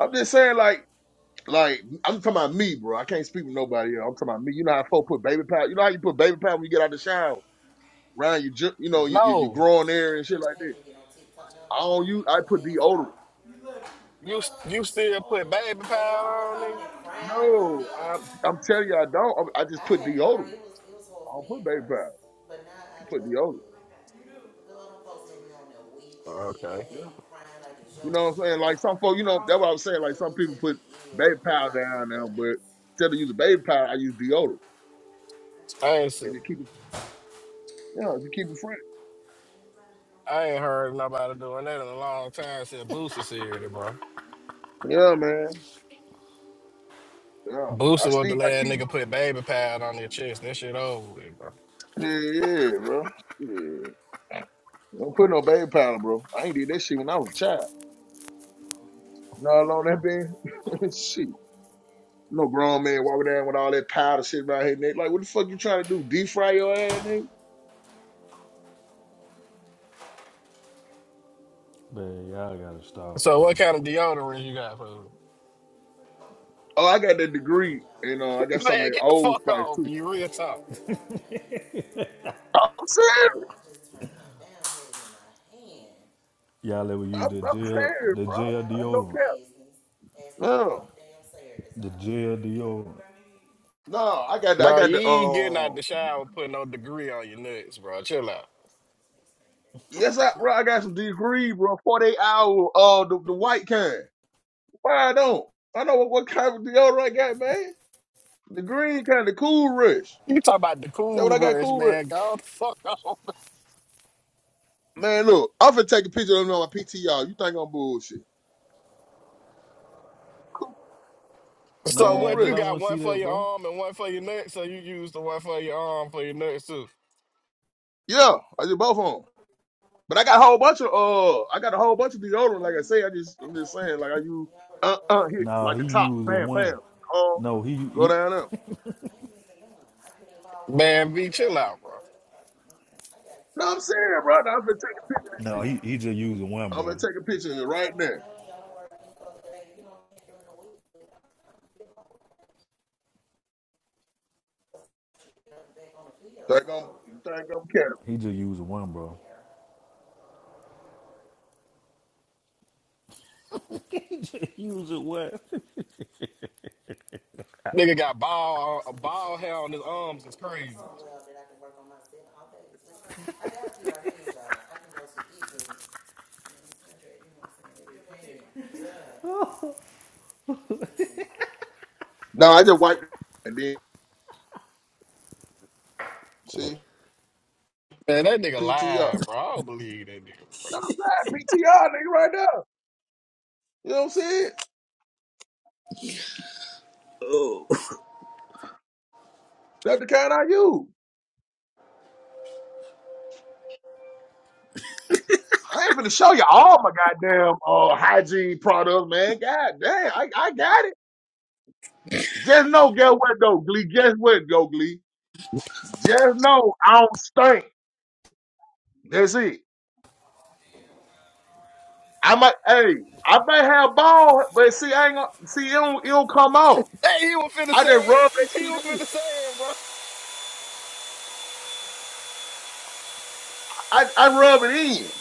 I'm just saying like like I'm talking about me, bro. I can't speak with nobody else. I'm talking about me. You know how folks put baby powder. You know how you put baby powder when you get out the shower, around your ju- you know your, your, your No. growing area and shit like that. I don't use. I put deodorant. You you still put baby powder on nigga? No, I'm I'm telling you, I don't. I I just put deodorant. I don't put baby powder. I put deodorant. Okay. Yeah. You know what I'm saying? Like some folks, you know, that's what I was saying. Like some people put baby powder down now, but instead of using baby powder, I use deodorant. I ain't see. And you keep it, yeah, you keep it fresh. I ain't heard nobody doing that in a long time since Boosie serious, bro. Yeah, man. Yeah. I Boosie was still, the I last keep, nigga put baby pad on their chest. That shit over with, bro. yeah, yeah, bro. Yeah. Don't put no baby powder, bro. I ain't did that shit when I was a child. You know how long that been? *laughs* shit. No grown man walking down with all that powder shit around his neck. Like, what the fuck you trying to do? Defry your ass, nigga? So what kind of deodorant you got for me? Oh, I got that degree. and know, I *laughs* got something Man, get that the old fuck spice off, too. you real talk. I'm Y'all ever I'm, use I'm the jail, serious, the jail bro. I don't deodorant? care. No, The jail deodorant. no, I got, the, I Bro, got you the, ain't getting out the um, shower putting no degree on your nuts, bro. Chill out. yes, I, bro, I got some degree, bro. Forty-eight hour, uh, the, the white kind. Why I don't? I know what, what kind of deodorant I got, man. The green kind, the Cool Rush. You talk about the That what cool I got, brush, Cool Rush. man. Go the fuck *laughs* off. Man, look, I'm finna take a picture of them on my PTR. You think I'm bullshit? Cool, So cool Man, what, you nobody Rush. got wanna see one that, for your bro. arm and one for your nuts, so you use the one for your arm for your nuts too. Yeah, I just both of 'em. But I got a whole bunch of uh, I got a whole bunch of deodorant. Like I say, I just I'm just saying, like I use uh uh hit No, like he the top, using bam bam, one. uh, No, he go he. down there. Man, be chill out, bro. No, I'm serious, bro. I'm gonna take a picture of this No, shit. he he just using one, I'm bro. gonna take a picture of it right there. Think I'm think I'm capping. He just using one, bro. Is it what? Nigga got ball a ball hair on his arms. It's crazy. No, I just wiped it and then see Man, that nigga PTR. lying, bro. I don't believe that nigga. No, I'm saying PTR nigga right there. You know what I'm saying? That's the kind I use. I ain't finna show you all my goddamn uh hygiene products, man. God damn, I, I got it. Just know, guess what though, Glee? Guess what, though, Glee? Just know I don't stink. That's it. I might, hey, I may have ball, but see, I ain't gonna see. It don't, it don't come out. Hey, he was finna I say just rub it. that He shit was in. finna say it, bro. I I rub it in.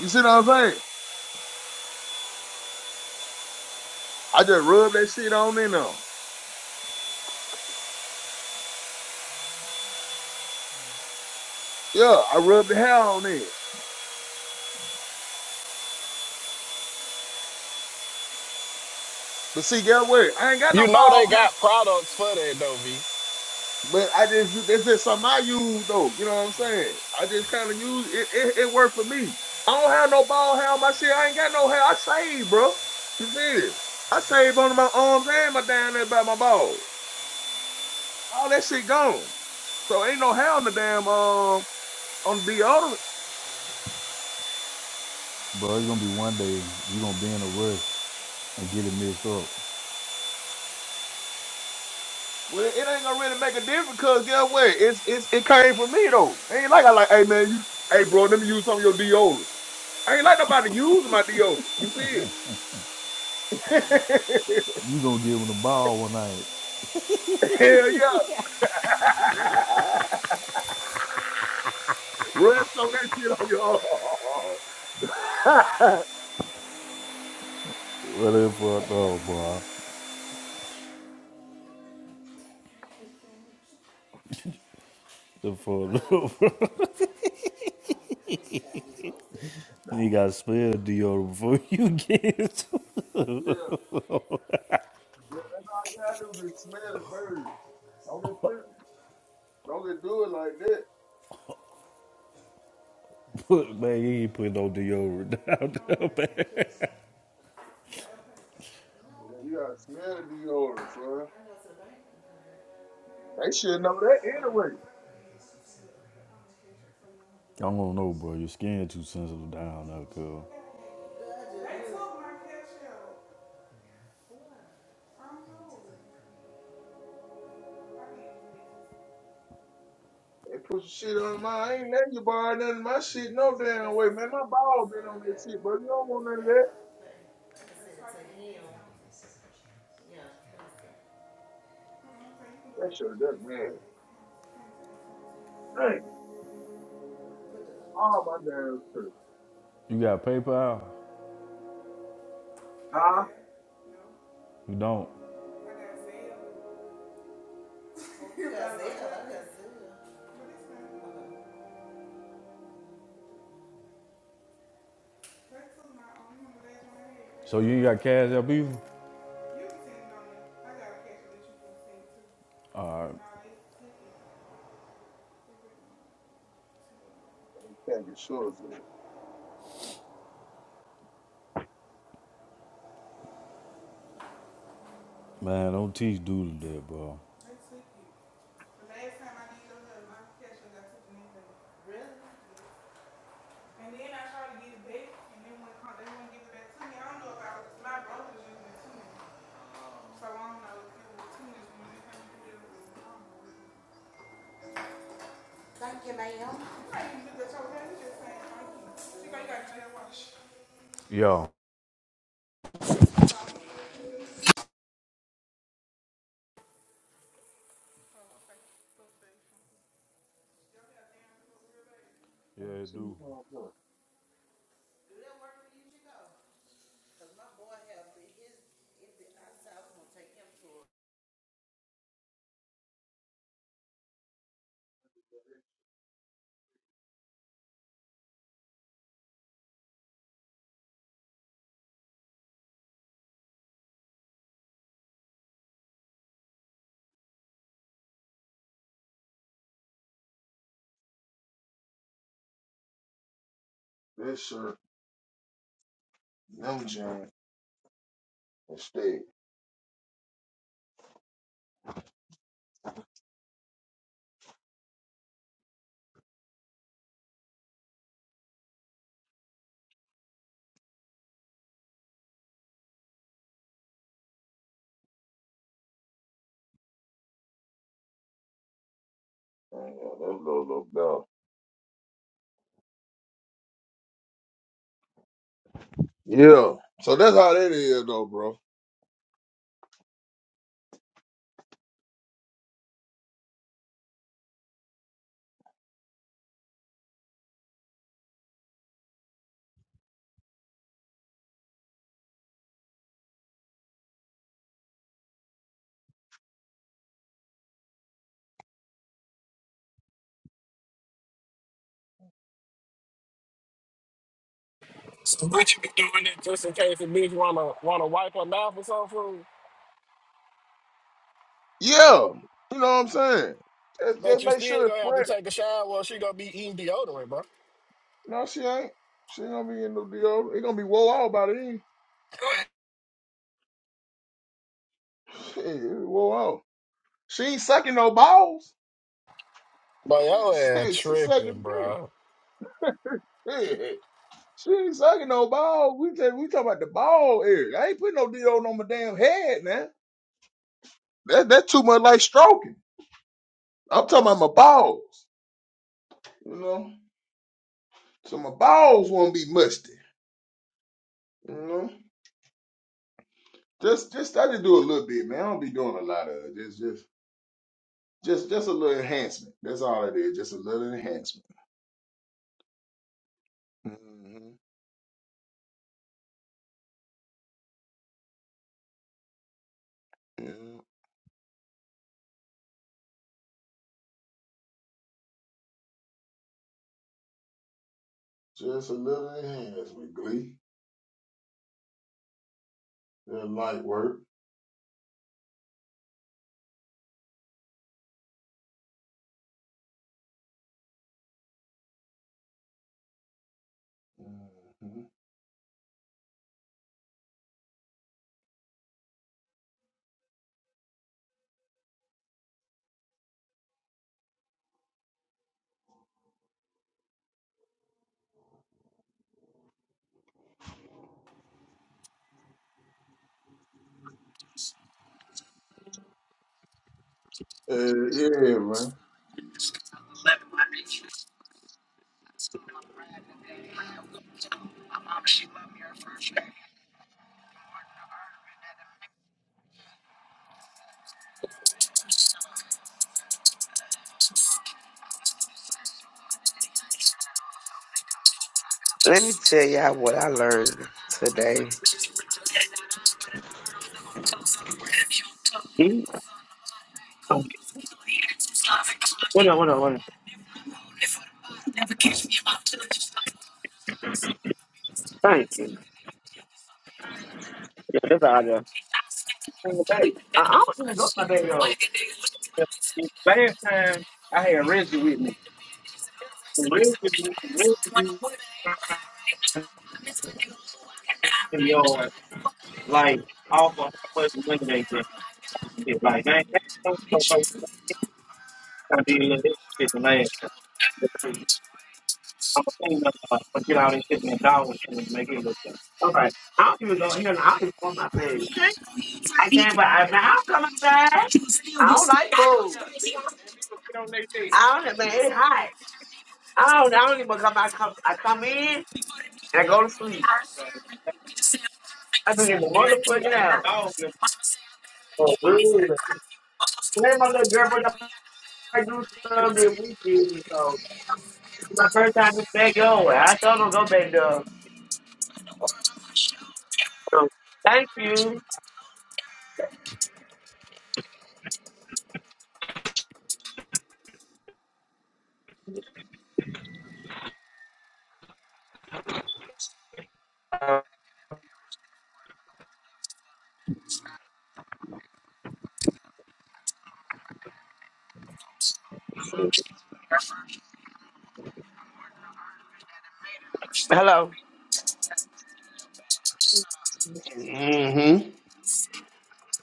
You see what I'm saying? I just rub that shit on in there. Yeah, I rub the hair on it. But see, guess what? I ain't got You no know they ball. got products for that though, V. But I just this is something I use though. You know what I'm saying? I just kind of use it, it. It worked for me. I don't have no ball hair on my shit. I ain't got no hair. I shave, bro. You feel me? I shave on my arms and my down there by my balls. All that shit gone. So ain't no hair on the damn um on the deodorant. Bro, it's gonna be one day you gonna be in a rush and get it mixed up. Well, it ain't gonna really make a difference because guess what? It's it's it came from me though. ain't like I like, hey man, you, hey bro, let me use some of your deodorant. I ain't like nobody using my deodorant. You feel? me? *laughs* You gonna give him the ball one night. Hell yeah. *laughs* Rest on that shit on your arm. *laughs* Well, they fucked up, bro. The for Man, *laughs* you gotta spell deodorant before *laughs* you get to yeah, yeah, that's all you gotta do. is Just smell it first. Don't just put, don't just do it like that. put man, you ain't put no deodorant *laughs* down Yeah, you gotta smell the deodorant, bro. They should know that anyway. there. I don't know, bro. Your skin too sensitive down there, cuz. They put some shit on my. I ain't letting you borrow none of my shit no damn way, man. My ball been on that shit, bro. You don't want none of that. That shit, that man. Dang, all my damn shit. You got PayPal? Huh? You don't. So you ain't got cash up either? Alright. Thank you, sure. Man, don't teach dude that, bro. Yo. Yeah, dude. This shirt, them jeans. and stay. Man, yeah, that's low, low bell. Yeah. So that's how that is though, bro. So what you be doing that just in case a bitch wanna wanna wipe her mouth or something? Yeah. You know what I'm saying? Just, But just you make still sure it's gonna have to fresh. take a shower or she gonna be eating deodorant, bro. No, she ain't. She ain't gonna be in no deal. It gonna be whoa out by then. *laughs* Shit, it be whoa out. She ain't sucking no balls. But *laughs* yo ass Shit, she sucking tripping, dick. bro. Yeah. She ain't sucking no balls. We just we talking about the ball area. I ain't putting no deal on my damn head, man. That that's too much like stroking. I'm talking about my balls. You know. So my balls won't be musty. You know? Just just I just do a little bit, man. I don't be doing a lot of it. Just just just just a little enhancement. That's all it is. Just a little enhancement. hmm Yeah. Just a little enhancement, Glee. That light work. hmm Uh, yeah, Let me tell y'all what I learned today. Mm, okay. What up, what up, what up? Thank you. Yeah, that's all I got. bring it back. I I don't even go to my day though. Last time I had Reggie with me. Reggie, Reggie and going like off of how much money they get. It's like they ain't so so so. so, I did a little extra shit the last time. Because I'm a thing uh, uh, I get all this shit in the dog and make it look good. All right. I don't even go here. and I don't even want my food. I don't like food. I don't man. It's hot. I don't. I don't even come. I come. I come in and I go to sleep. I be in the motherfucking house. Oh, really? Hey, my little girl, but I do something weekend, so it's my first time to stay going. I told her go back there. So, thank you. Hello. man. hmm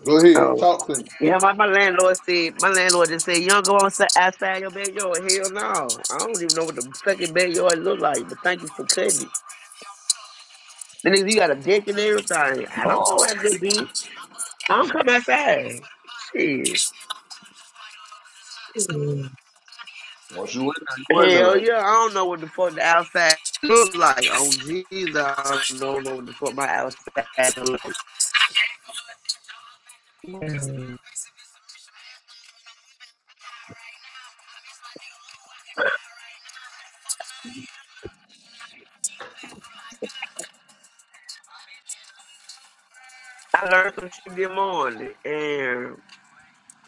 Go ahead. Oh. Talk to me. Yeah, my, my landlord said, my landlord just said, you don't go on si- outside your backyard. Hell no. I don't even know what the fucking backyard look like, but thank you for cutting it. Then you got a deck and everything. I don't know Oh, how to be. I don't come outside. Shit. once you win there, you win Hell there. yeah, I don't know what the fuck the outside look like. Oh Jesus! I don't know what the fuck my outside look like. I learned some shit this morning, and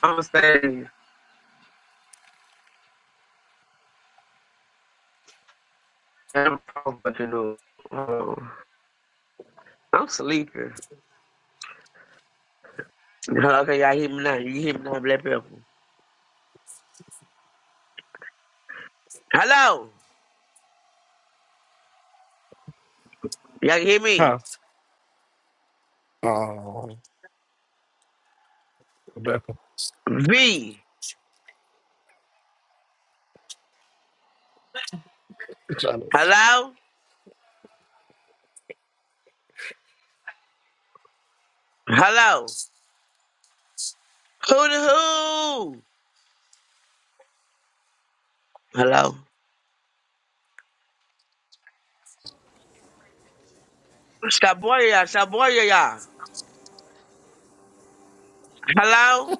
I'm saying I'm so fucking up. Oh, I'm sleeping. Okay, y'all hear me now? You hear me now, Black Pepper? Hello, y'all can hear me? Huh? Oh Rebecca. V, You trying to hello, hello, who the who? Hello, Shaboya, Shaboya, y'all. Hello,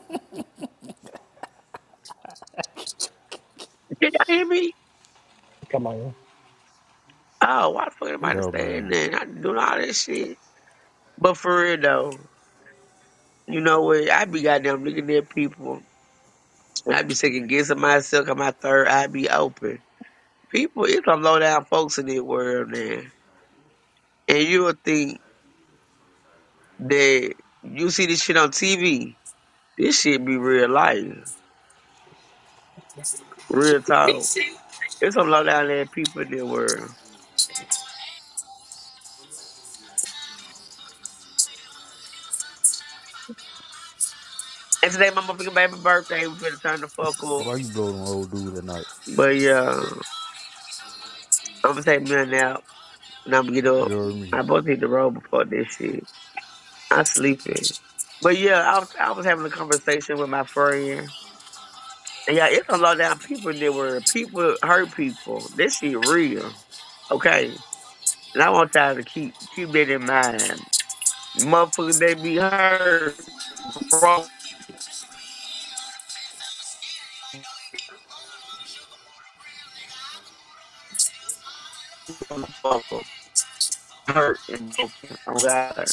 can y'all hear me? Oh, why the fuck am I Yo, staying man. there? I doing all that shit. But for real though, you know what? I be goddamn looking at people. I be second guessing myself. I'm my third. I be open. People, it's some low down folks in this world, man. And you would think that you see this shit on TV. This shit be real life, real talk. It's some low down ass people in this world. And today my motherfucking baby birthday. We finna turn the fuck up. Why you blow them old dude at night? But yeah, I'm gonna take me a nap. and I'm get You up. heard me? I both hit the road before this shit. I sleeping. But yeah, I was I was having a conversation with my friend. And yeah, it's a lot of down people in there where people hurt people. This shit real. Okay. And I want y'all to keep keep that in mind. Motherfuckers, they be hurt. Broke motherfucker. Hurt and broken. Oh God.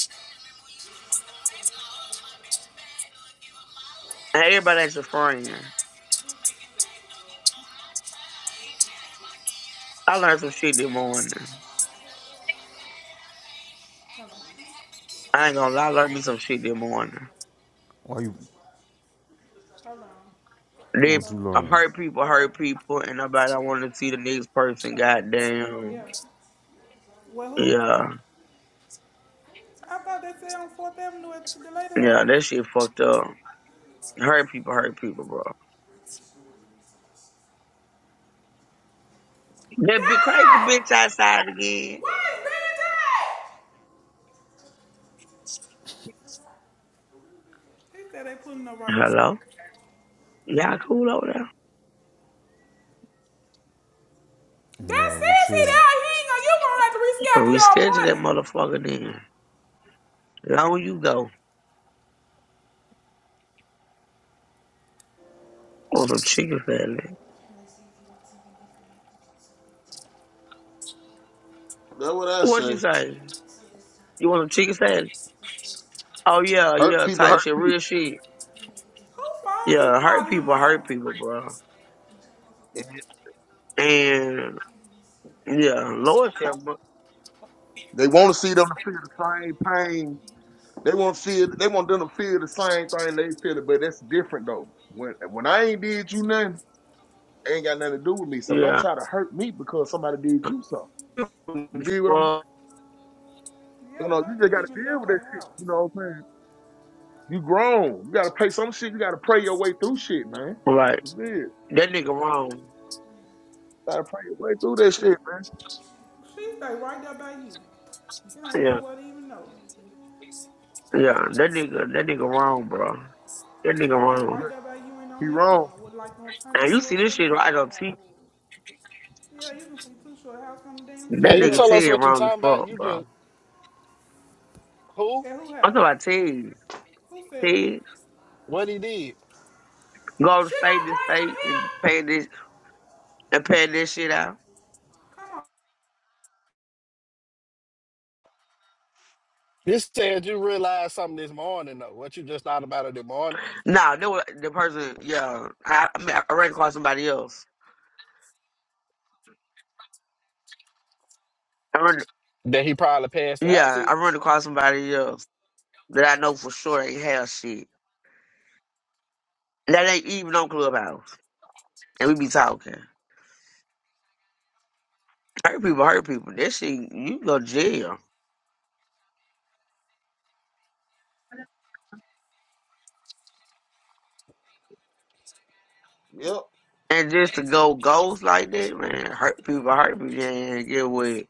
And everybody ain't your friend. I learned some shit this morning. I ain't gonna lie, I learned me some shit this morning. Why you, They what you learn? hurt people, hurt people, and nobody want to see the next person. Goddamn. Yeah, yeah, that shit fucked up. Hurt people, hurt people, bro. That big crazy bitch outside again. Hello. Y'all cool over there? That's I'm Reschedule that motherfucker then. Long you go. want some chicken salad. That's what I What you say. say? You want some chicken salad? Oh yeah, Hurt yeah, people hurt type shit, real shit. Yeah, hurt people, hurt people, bro. people. And yeah, Lord said, They want to see them feel the same pain They want to feel. They want them to feel the same thing they feel, but that's different though. When when I ain't did you nothing, it ain't got nothing to do with me. So don't yeah. try to hurt me because somebody did you something. You did what I'm saying. Wrong. You know, you just got to deal with that shit. You know what I'm saying? You grown. You got to pay some shit. You got to pray your way through shit, man. Like That's it. that nigga wrong. Got to pray your way through that shit, man. Yeah, yeah. That nigga, that nigga wrong, bro. That nigga wrong. You- He wrong. And you see this shit right on T. That Man, you Yeah, nigga tell us Ted what you wrong as talking about. fuck, You bro. just who? I'm talking about Ted. Ted What he did? go to state to state and pay this and pay this shit out. This said you realized something this morning, though. What you just thought about it this morning Nah, that was the person. Yeah, I, I, mean, I ran across somebody else. I run. that he probably passed it out Yeah, to. I run across somebody else that I know for sure ain't have shit. That ain't even on Clubhouse, and we be talking. Hurt people, hurt people. That shit, you go to jail. yeah, yep. And just to go ghost like that, man, hurt people, hurt people. And get with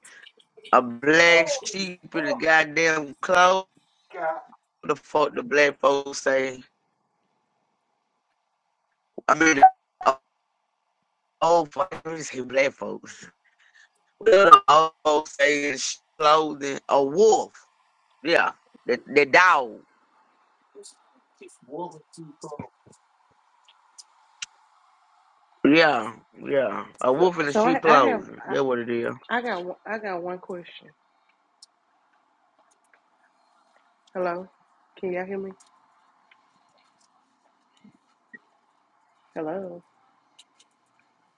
a Oh, black sheep in the oh goddamn clothes. God, The fuck the black folks say. I mean, the old folks, let me say black folks. The old folks say is clothing a wolf. Yeah, the the dog. woman, she come. Yeah, yeah, a So, wolf in the so I, sheep I have, clothing. That's what it is. I, I got, one, I got one question. Hello, can y'all hear me? Hello,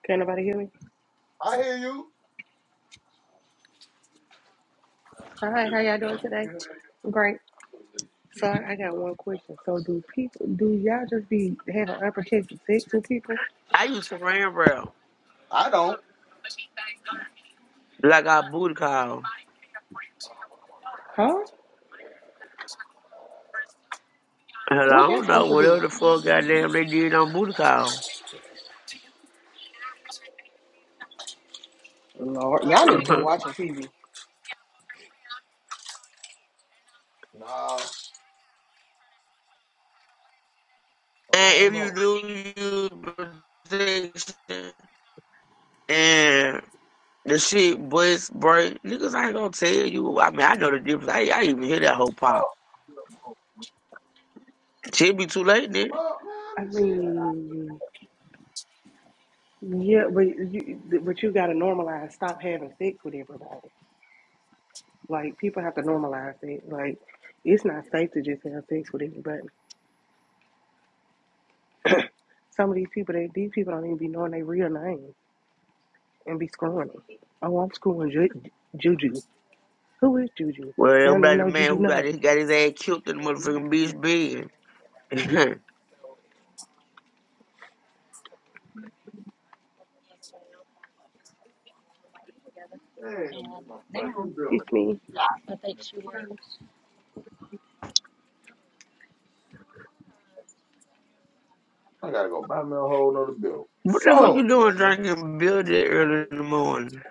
can anybody hear me? I hear you. Hi, how y'all doing today? Great. So I, I got one question. So do people, do y'all just be having unprotected sex with people? I used to ram around I don't. like our booty call. Huh? Hell, I What they don't know. supposed to do? Whatever the fuck goddamn they did on Booty Call. Lord, y'all *laughs* Damn. need to quit and watching TV. Nah, I don't if you know. do use protection and the shit bust break, niggas ain't gonna tell you. I mean, I know the difference. I, I even hear that whole pop. Shit be too late then. Well, I man, shit, I mean, yeah, but you, but you gotta normalize. Stop having sex with everybody. Like people have to normalize it. Like it's not safe to just have sex with everybody. Some of these people, they these people don't even be knowing their real name and be screwing them. Oh, I'm screwing Ju- Juju. Who is Juju? They Well, I'm don't even like the know man Juju who got name. his, got his ass killed in the love you motherfucking to do. bitch bed. *laughs* Damn, in my fucking bill, It's bro. me. God, man. I gotta go buy me a whole nother bill. What the fuck you Fuck, doing man. drinking beer that early in the morning?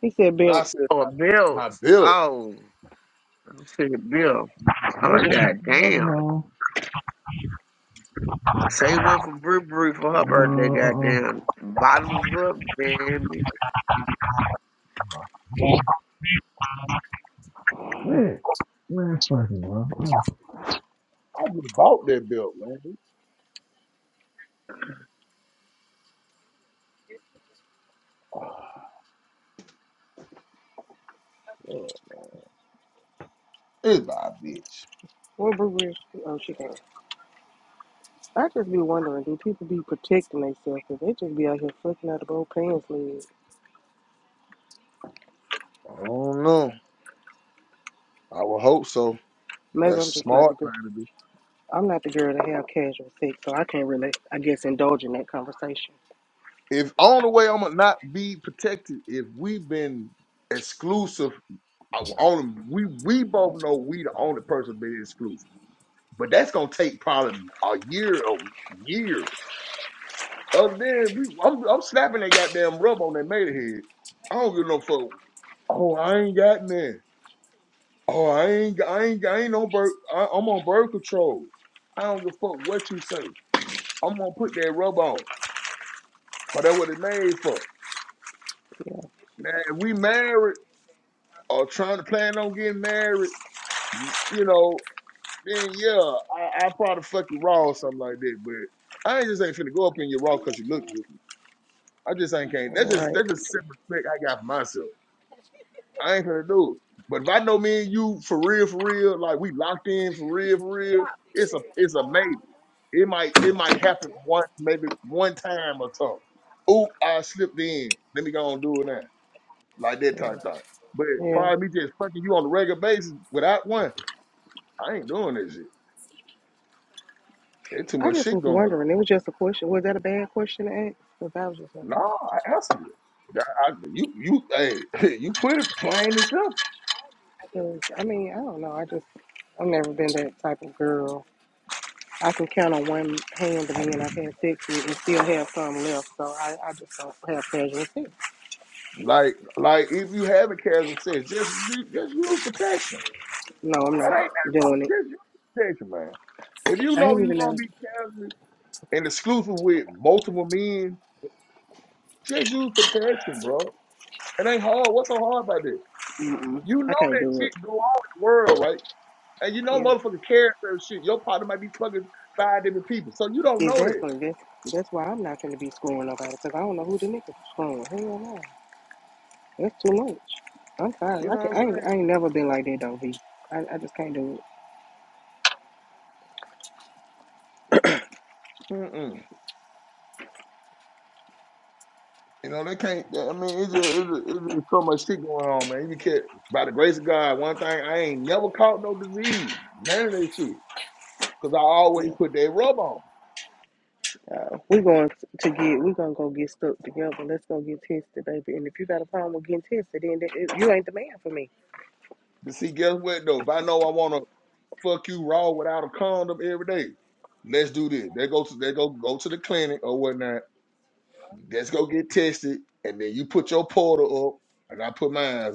He said, And I Bill, said, Oh, my bills. bill. Oh, I'm saying bill. I'm like, God damn. Say one for brew, brew for her birthday, goddamn. Bottoms up, damn. it. I just bought that bill, man. *sighs* Ah, fuck. It's by a bitch. what brewery? is- she? Oh, she can't. I just be wondering, do people be protecting themselves? Cause they just be out here fucking out of both pants leg. I don't know. I would hope so. Maybe That's I'm a just not smart the girl. thing to do. I'm not the girl to have casual sex, so I can't really, I guess, indulge in that conversation. If only way I'm gonna not be protected if we've been exclusive. I- Only we we both know we the only person been exclusive. But that's gonna take probably a year or year. Other than we, I'm, I'm slapping that goddamn rub on that made head. I don't give no fuck. Oh, I ain't got none. Oh, I ain't, I ain't, I ain't no birth. I, I'm on birth control. I don't give a fuck what you say. I'm gonna put that rub on. Cause that's what it made for. Now, if we married or trying to plan on getting married, you know, then yeah, I, I probably fuck you raw or something like that. But I ain't just ain't finna go up in your raw because you look good. I just ain't can't. That's All just right. that's just simple respect I got for myself. I ain't gonna do it. But if I know me and you for real, for real, like we locked in for real, for real, it's a it's a maybe. It might it might happen once, maybe one time or something. Oop, I slipped in. Let me go and do it now. Like that type thing. But as Yeah. far as me just fucking you on a regular basis without one, I ain't doing this shit. There's too I much just shit was going on. wondering. It was just a question. Was that a bad question to ask? Because I was just Nah, wondering. I answered it. I, I- you you hey *laughs* you put it plain as hell. Because, I mean, I don't know. I just, I've never been that type of girl. I can count on one hand the men I've had sex with and still have some left. So I, I just don't have casual sex. Like, like if you having casual sex, just just use protection. No, I'm It not ain't nothing wrong. doing it. Just use protection, man. If you I know ain't you even gonna know. be casual and exclusive with multiple men, just use protection, bro. It ain't hard. What's so hard about this? Mm-mm. You know I can't that do it. shit go on in the world, right? And you know Yeah, motherfucker cares for shit. Your partner might be fucking five different people, so you don't know that. exactly. That's, that's why I'm not going to be screwing nobody because I don't know who the nigga's screwing. Hell no. That's too much. I'm You fine. know I, what can, I'm I, ain't, saying? I ain't never been like that, though, V. I, I just can't do Mm-mm. You know, they can't. They, I mean, it's just, it's, just, it's just so much shit going on, man. You can't. By the grace of God, one thing I ain't never caught no disease, none of that shit, because I it. Yeah. always put that rub on. Uh, we're going to get, we're going to go get stuck together. Let's go get tested, baby. And if you got a problem with getting tested, then that- it- you ain't the man for me. But see, guess what though? If I know I want to fuck you raw without a condom every day, let's do this. They go to they go go to the clinic or whatnot. Let's go get tested, and then you put your portal up, and I put mine up,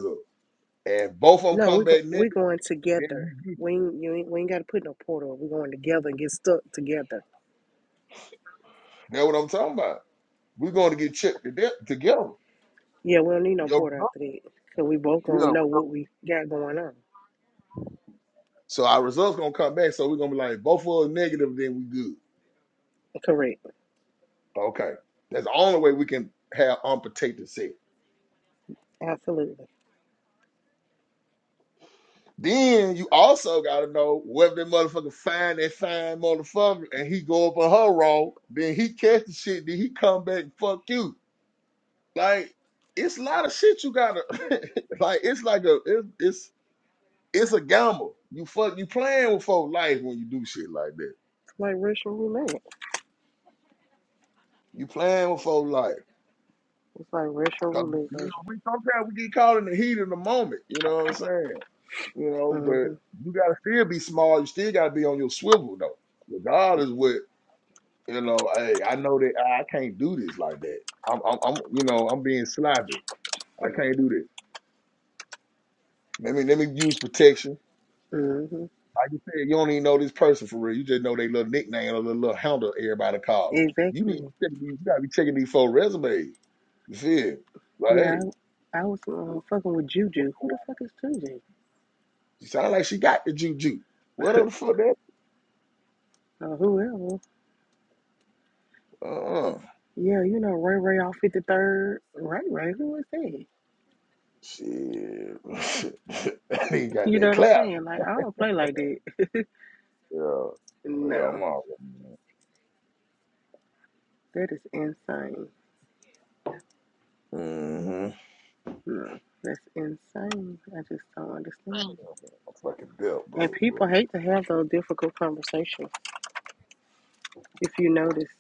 and both of them No, come we go, back we're negative. going Then we together. good. We ain't, you ain't, we ain't got to put no porter. on. We're going together and get stuck together. That's what I'm talking about. We're going to get checked to death together. Yeah, we don't need no Yo, porter after that. Because we both you going to know? know what we got going on. So our results gonna come back. So we're gonna be like, both of us negative, then we good. Correct. Okay. That's the only way we can have unprotected sex. Absolutely. Then you also gotta know whether that motherfucker find that fine motherfucker and he go up on her roll, then he catch the shit, then he come back and fuck you. Like it's a lot of shit you gotta *laughs* like it's like a it's it's it's a gamble. You fuck you playing with folk life when you do shit like that. It's like racial roulette. You playing with folk life. It's like racial Cause roulette you know, we sometimes we get caught in the heat of the moment. You know what I'm saying? You know, version. but hmm you gotta still be small. You still gotta be on your swivel though. Regardless what you know, hey, I know that I can't do this like that. I'm, I'm, I'm you know, I'm being sloppy. I can't do this. Let me let me use protection. hmm Like you said, you don't even know this person for real. You just know they little nickname or the little handle everybody called. You need Exactly. to check these, you gotta be checking these four resumes. You feel? Like, hey, Yeah, I, I was uh, fucking with Juju. Who the fuck is Juju? she sound like she got the juju. What the fuck that? Or whoever. Uh, Yeah, you know, Ray Ray off 53rd. Ray Ray, who is that? *laughs* shit. *laughs* that nigga got You know that what I'm clap. saying? Like, I don't play like that. *laughs* Yeah. Yeah, I'm No, all that is insane. Mm-hmm. No, that's insane. I just don't understand. I'm fucking built, And bro, people bro. hate to have those difficult conversations, if you notice.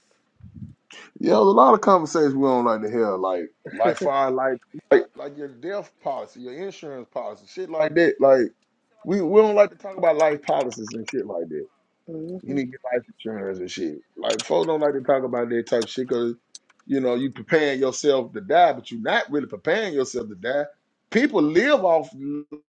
Yeah, there's a lot of conversations we don't like to hear, like life fire, like like like your death policy, your insurance policy, shit like that. Like we, we don't like to talk about life policies and shit like that. hmm You need to get life insurance and shit. Like folks don't like to talk about that type of shit because you know you preparing yourself to die, but you're not really preparing yourself to die. People live off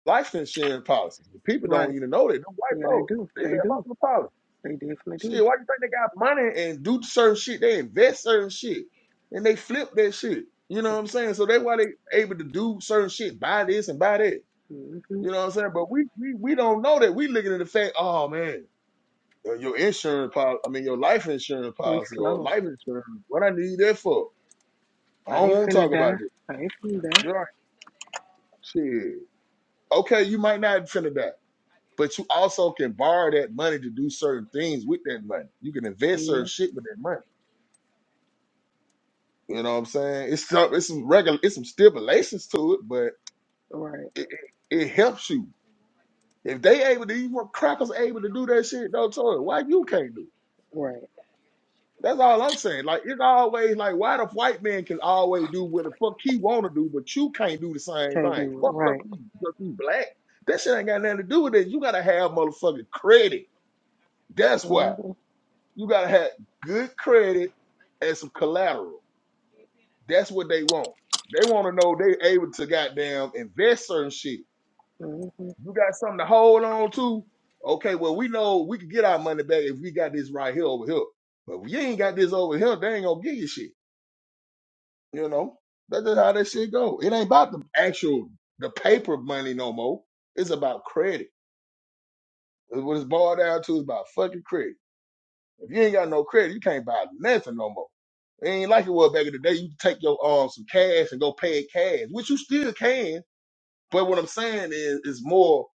life insurance policies. People don't Right. even know that. Them white Yeah, they folks do. they live They off do. the policy. They definitely Shit, do. why you think they got money and do certain shit? They invest certain shit and they flip that shit. You know So, what I'm saying? So that's why they able to do certain shit, buy this and buy that. hmm You know what I'm saying? But we we we don't know that. We looking at the fact, oh man. Your, your insurance policy, I mean, your life insurance We policy or slow. life insurance, what I need that for? I I don't ain't want to finna talk about die. it. I ain't finna die. You're like, shit. Okay, you might not finna die, but you also can borrow that money to do certain things with that money. You can invest certain Yes. shit with that money. You know what I'm saying? It's some, it's some regular, it's some stipulations to it, but Right. it, it, it helps you. If they able to, even crackers able to do that shit, no toy. Why you can't do? it? Right. That's all I'm saying. Like it's always like why the white man can always do what the fuck he wanna do, but you can't do the same Can't thing. do it. Fuck up Right. you because you black. That shit ain't got nothing to do with it. You gotta have motherfucking credit. That's why. hmm You gotta have good credit and some collateral. That's what they want. They wanna know they able to goddamn invest certain shit. You got something to hold on to. Okay, well we know we can get our money back if we got this right here over here. But if you ain't got this over here, they ain't gonna give you shit. You know, that's just how that shit go. It ain't about the actual the paper money no more. It's about credit. It's What it's boiled down to is about fucking credit. If you ain't got no credit, you can't buy nothing no more. It ain't like it was back in the day. You take your um some cash and go pay it cash, which you still can. But what I'm saying is, it's more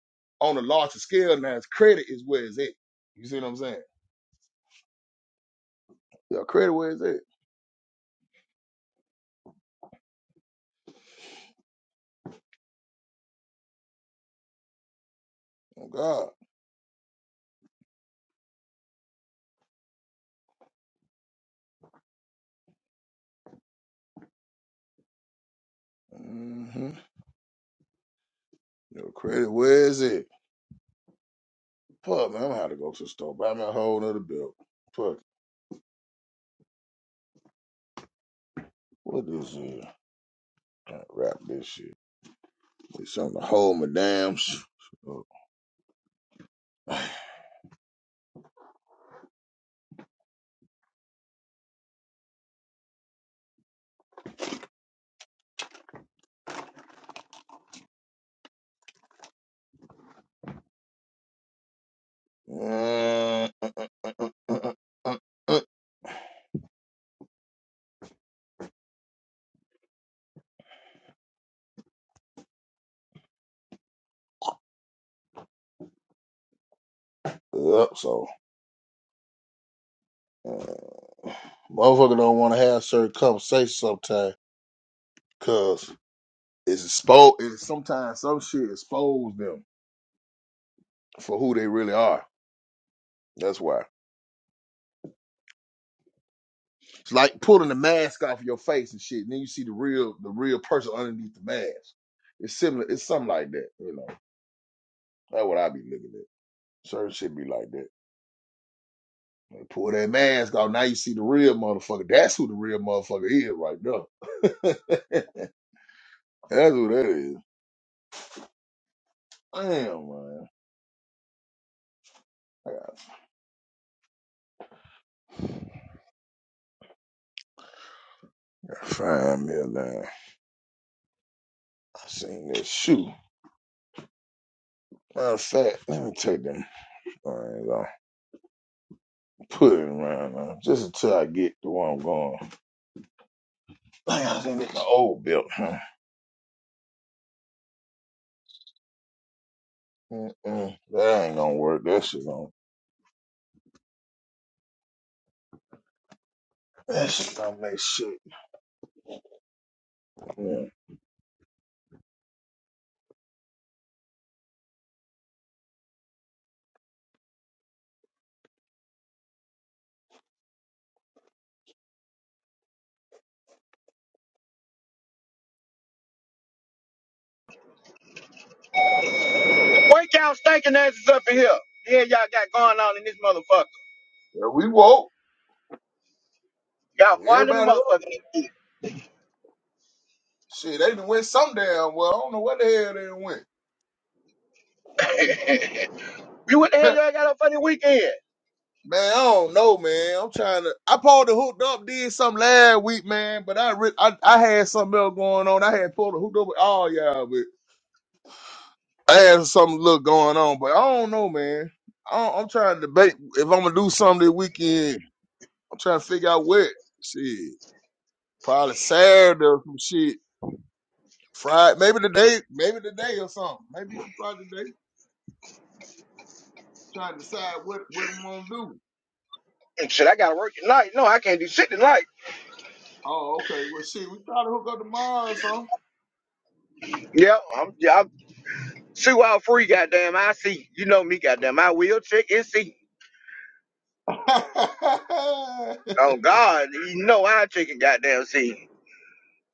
on a larger scale now. It's credit is where it's at. You see what I'm saying? Your credit where it's at. Oh God. hmm Your credit where it's at. Fuck, man, I'm gonna have to go to the store. Buy me a whole nother belt. Fuck, what is it? Gotta wrap this shit. Need something to hold my damn shit up. Yep, *sighs* so, uh, motherfucker don't want to have certain conversations sometimes because it's exposed, it's sometimes some shit expose them for who they really are. That's why. It's like pulling the mask off your face and shit, and then you see the real, the real person underneath the mask. It's similar, it's something like that, you know. That's what I be looking at. Certain shit be like that. Like, pull that mask off. Now you see the real motherfucker. That's who the real motherfucker is right there. *laughs* That's who that is. Damn, man. I gotta find me a line. I seen that shoe. Matter of fact, let me take them things off. Put it around now, just until I get to where I'm going. Dang, I seen my old belt. Huh? Mm-mm. That ain't gonna work. That shit gonna. That shit gonna make shit. Yeah. What y'all stinking asses up in here. The hell y'all got going on in this motherfucker? Yeah, we woke. Y'all flying in the Everybody up. motherfucker. Shit, they done went some damn well. I don't know where the hell they done went. *laughs* you what the hell *laughs* y'all got up for the weekend? man, I don't know, man. I'm trying to. I pulled the hooked up, did something last week, man. But I, re- I, I had something else going on. I had pulled the hooked up with all y'all, but I had something little going on. But I don't know, man. I don't, I'm trying to debate if I'm gonna do something this weekend. I'm trying to figure out what. Shit, probably Saturday or some shit. Friday, maybe today, maybe today or something. Maybe Friday today. Trying to decide what what I'm gonna do. And shit, I gotta work tonight. No, I can't do shit tonight. Oh, okay. Well, shit, we try to hook up tomorrow or something. Yeah, I'm, yeah, I'm see all free, goddamn. I see. You know me, goddamn. I will check and see. *laughs* Oh God, you know I check and goddamn see.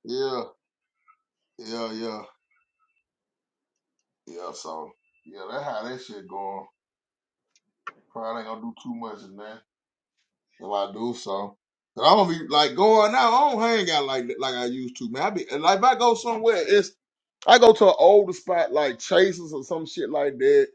yeah, yeah, yeah, yeah. So, yeah, that's how that shit going. Probably ain't gonna do too much in that if I do so. i am gonna be like going out. I don't hang out like that- like I used to, man. I be like if I go somewhere, it's I go to an older spot like Chasers or some shit like that.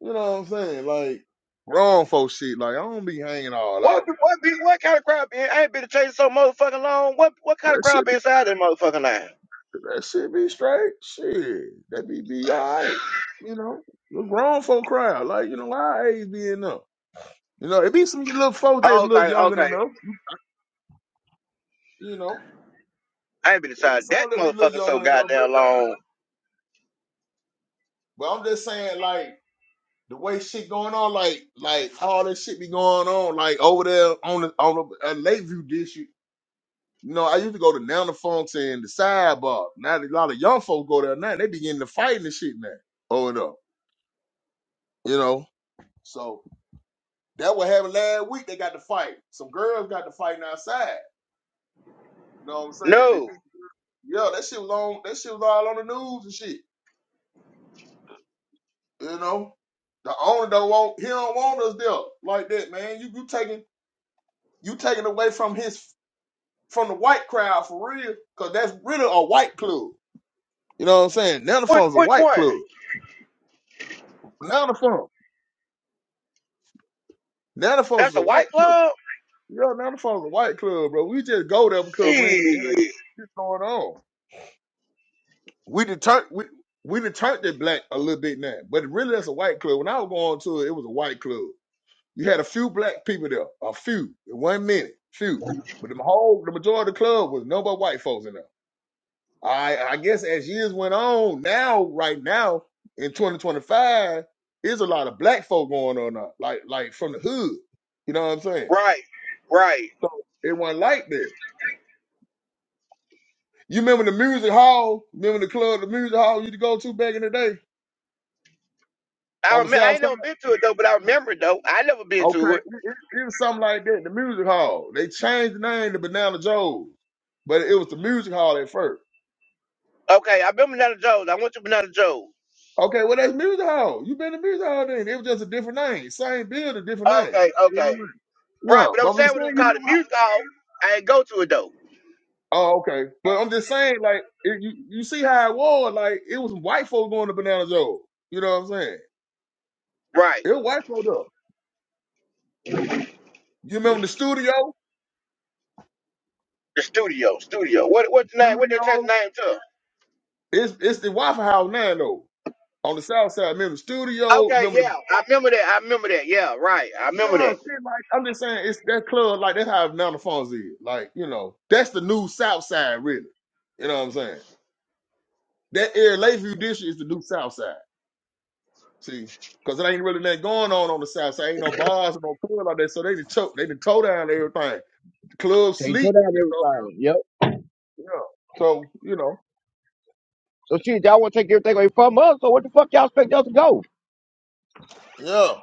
You know what I'm saying? Like grown folk shit. Like I don't be hanging all What, out. be- what, be, what kind of crowd been? I ain't been chasing so motherfucking long. What, what kind of That crowd shit been inside that motherfucking line? That shit be straight. Shit. That be be alright. You know, the grown folk crowd. Like, you know, our age be enough. You know, it be some little folk that a little Okay, younger than okay. us. You know, I ain't been it be inside some that that be a little motherfucker so younger than us. But, goddamn long. but I'm just saying, like, the way shit going on, like, like all this shit be going on, like over there on the on the uh, Lakeview district. You know, I used to go to Nana Funk's and the sidebar. Now a lot of young folk go there now. and They be getting to fighting and shit now. Over there, you know. So That what happened last week. They got to fight. Some girls got to fighting outside. You know what I'm saying? They, No. yeah, that shit was on. That shit was all on the news and shit. You know, the owner don't want. He don't want us there like that, man. You you taking you taking away from his from the white crowd for real, cause that's really a white club. You know what I'm saying? Now the Which phone's a which white one? club. Now the phone. Now the phone's That's a a white white club. club. Yeah, now the phone's a white club, bro. We just go there because we ain't, it ain't Shit. shit going on. we done we we done turned it black a little bit now, but really that's a white club. When I was going to it, it was a white club. You had a few black people there, a few in one minute, few. But the whole the majority of the club was no but white folks in there. I I guess as years went on, now right now in 2025, there's a lot of black folk going on now, like like from the hood. You know what I'm saying? Right, right. So it wasn't like that. You remember the music hall? Remember the club, the music hall you used to go to back in the day I on the remember. I south ain't side? never been to it though, but I remember it though. I never been Okay, to it. it, it, it was something like that. The music hall. They changed the name to Banana Joe's, but it was the music hall at first. Okay, I've been Banana Joe's. I went to Banana Joe's. Okay, well that's music hall. you been to music hall then. It was just a different name, same building, different name. Okay, You know okay. what I mean? Right, Yeah, but but I'm I'm saying just when it saying was you called the remember. music hall, I ain't go to it though. Oh, okay. But I'm just saying, like, it, you you see how it was. Like, it was white folk going to Banana Joe's. You know what I'm saying? Right, It was white folk though. You remember the studio? the studio, studio. What what's the name? What they change the Studio. name to? It's it's the Waffle House now though. On the south side, remember the studio? Okay, Remember the yeah, I remember that. I remember that. Yeah, right. I remember Yeah, that. shit, like I'm just saying, it's that club, like that's how Mount Fons is. Like, you know, that's the new South Side, really. You know what I'm saying? That area, Lakeview District, is the new South Side. See, because it ain't really nothing going on on the South Side. Ain't no bars and no club like that. So they just choke, they just toe down everything. The club They took sleep. down You everything. Yep. know? Yeah. So you know. So shit, y'all want to take everything away from us? So what the fuck y'all expect us to go? Yeah.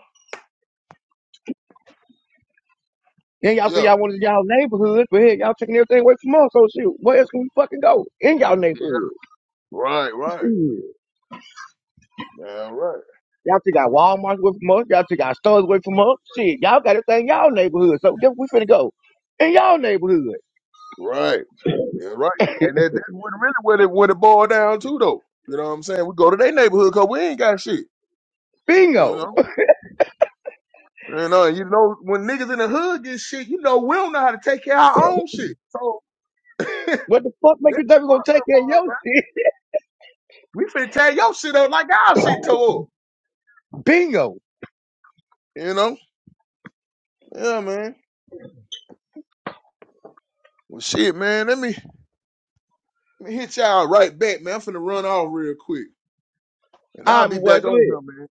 Then y'all say Yeah. y'all wanted y'all neighborhood, but hey, y'all taking everything away from us. So shit, where else can we fucking go in y'all Yeah. neighborhood? Right. Right. Shit. Yeah. Right. Y'all took our Walmart away from us. Y'all took our stores away from us. Shit, y'all got everything in y'all neighborhood. So guess we finna go in y'all neighborhood. Right. Yeah. Right. And that, that's what really what it what it boiled down to, though. You know what I'm saying? We go to their neighborhood because we ain't got shit. You Bingo. know, you know, you know, when niggas in the hood get shit, you know, we don't know how to take care of our own shit. So *coughs* *laughs* that's What the fuck make the you think we gonna fucked take up care of part your about it. shit? We finna tear your shit up like our shit tore up. *laughs* Bingo. You know? Yeah, man. Well, shit, man. Let me, let me hit y'all right back, man. I'm finna run off real quick, and All I'll right, my be boy, back go on ahead. him, man.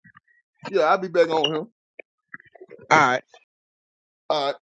Yeah, I'll be back on him. All right. All right.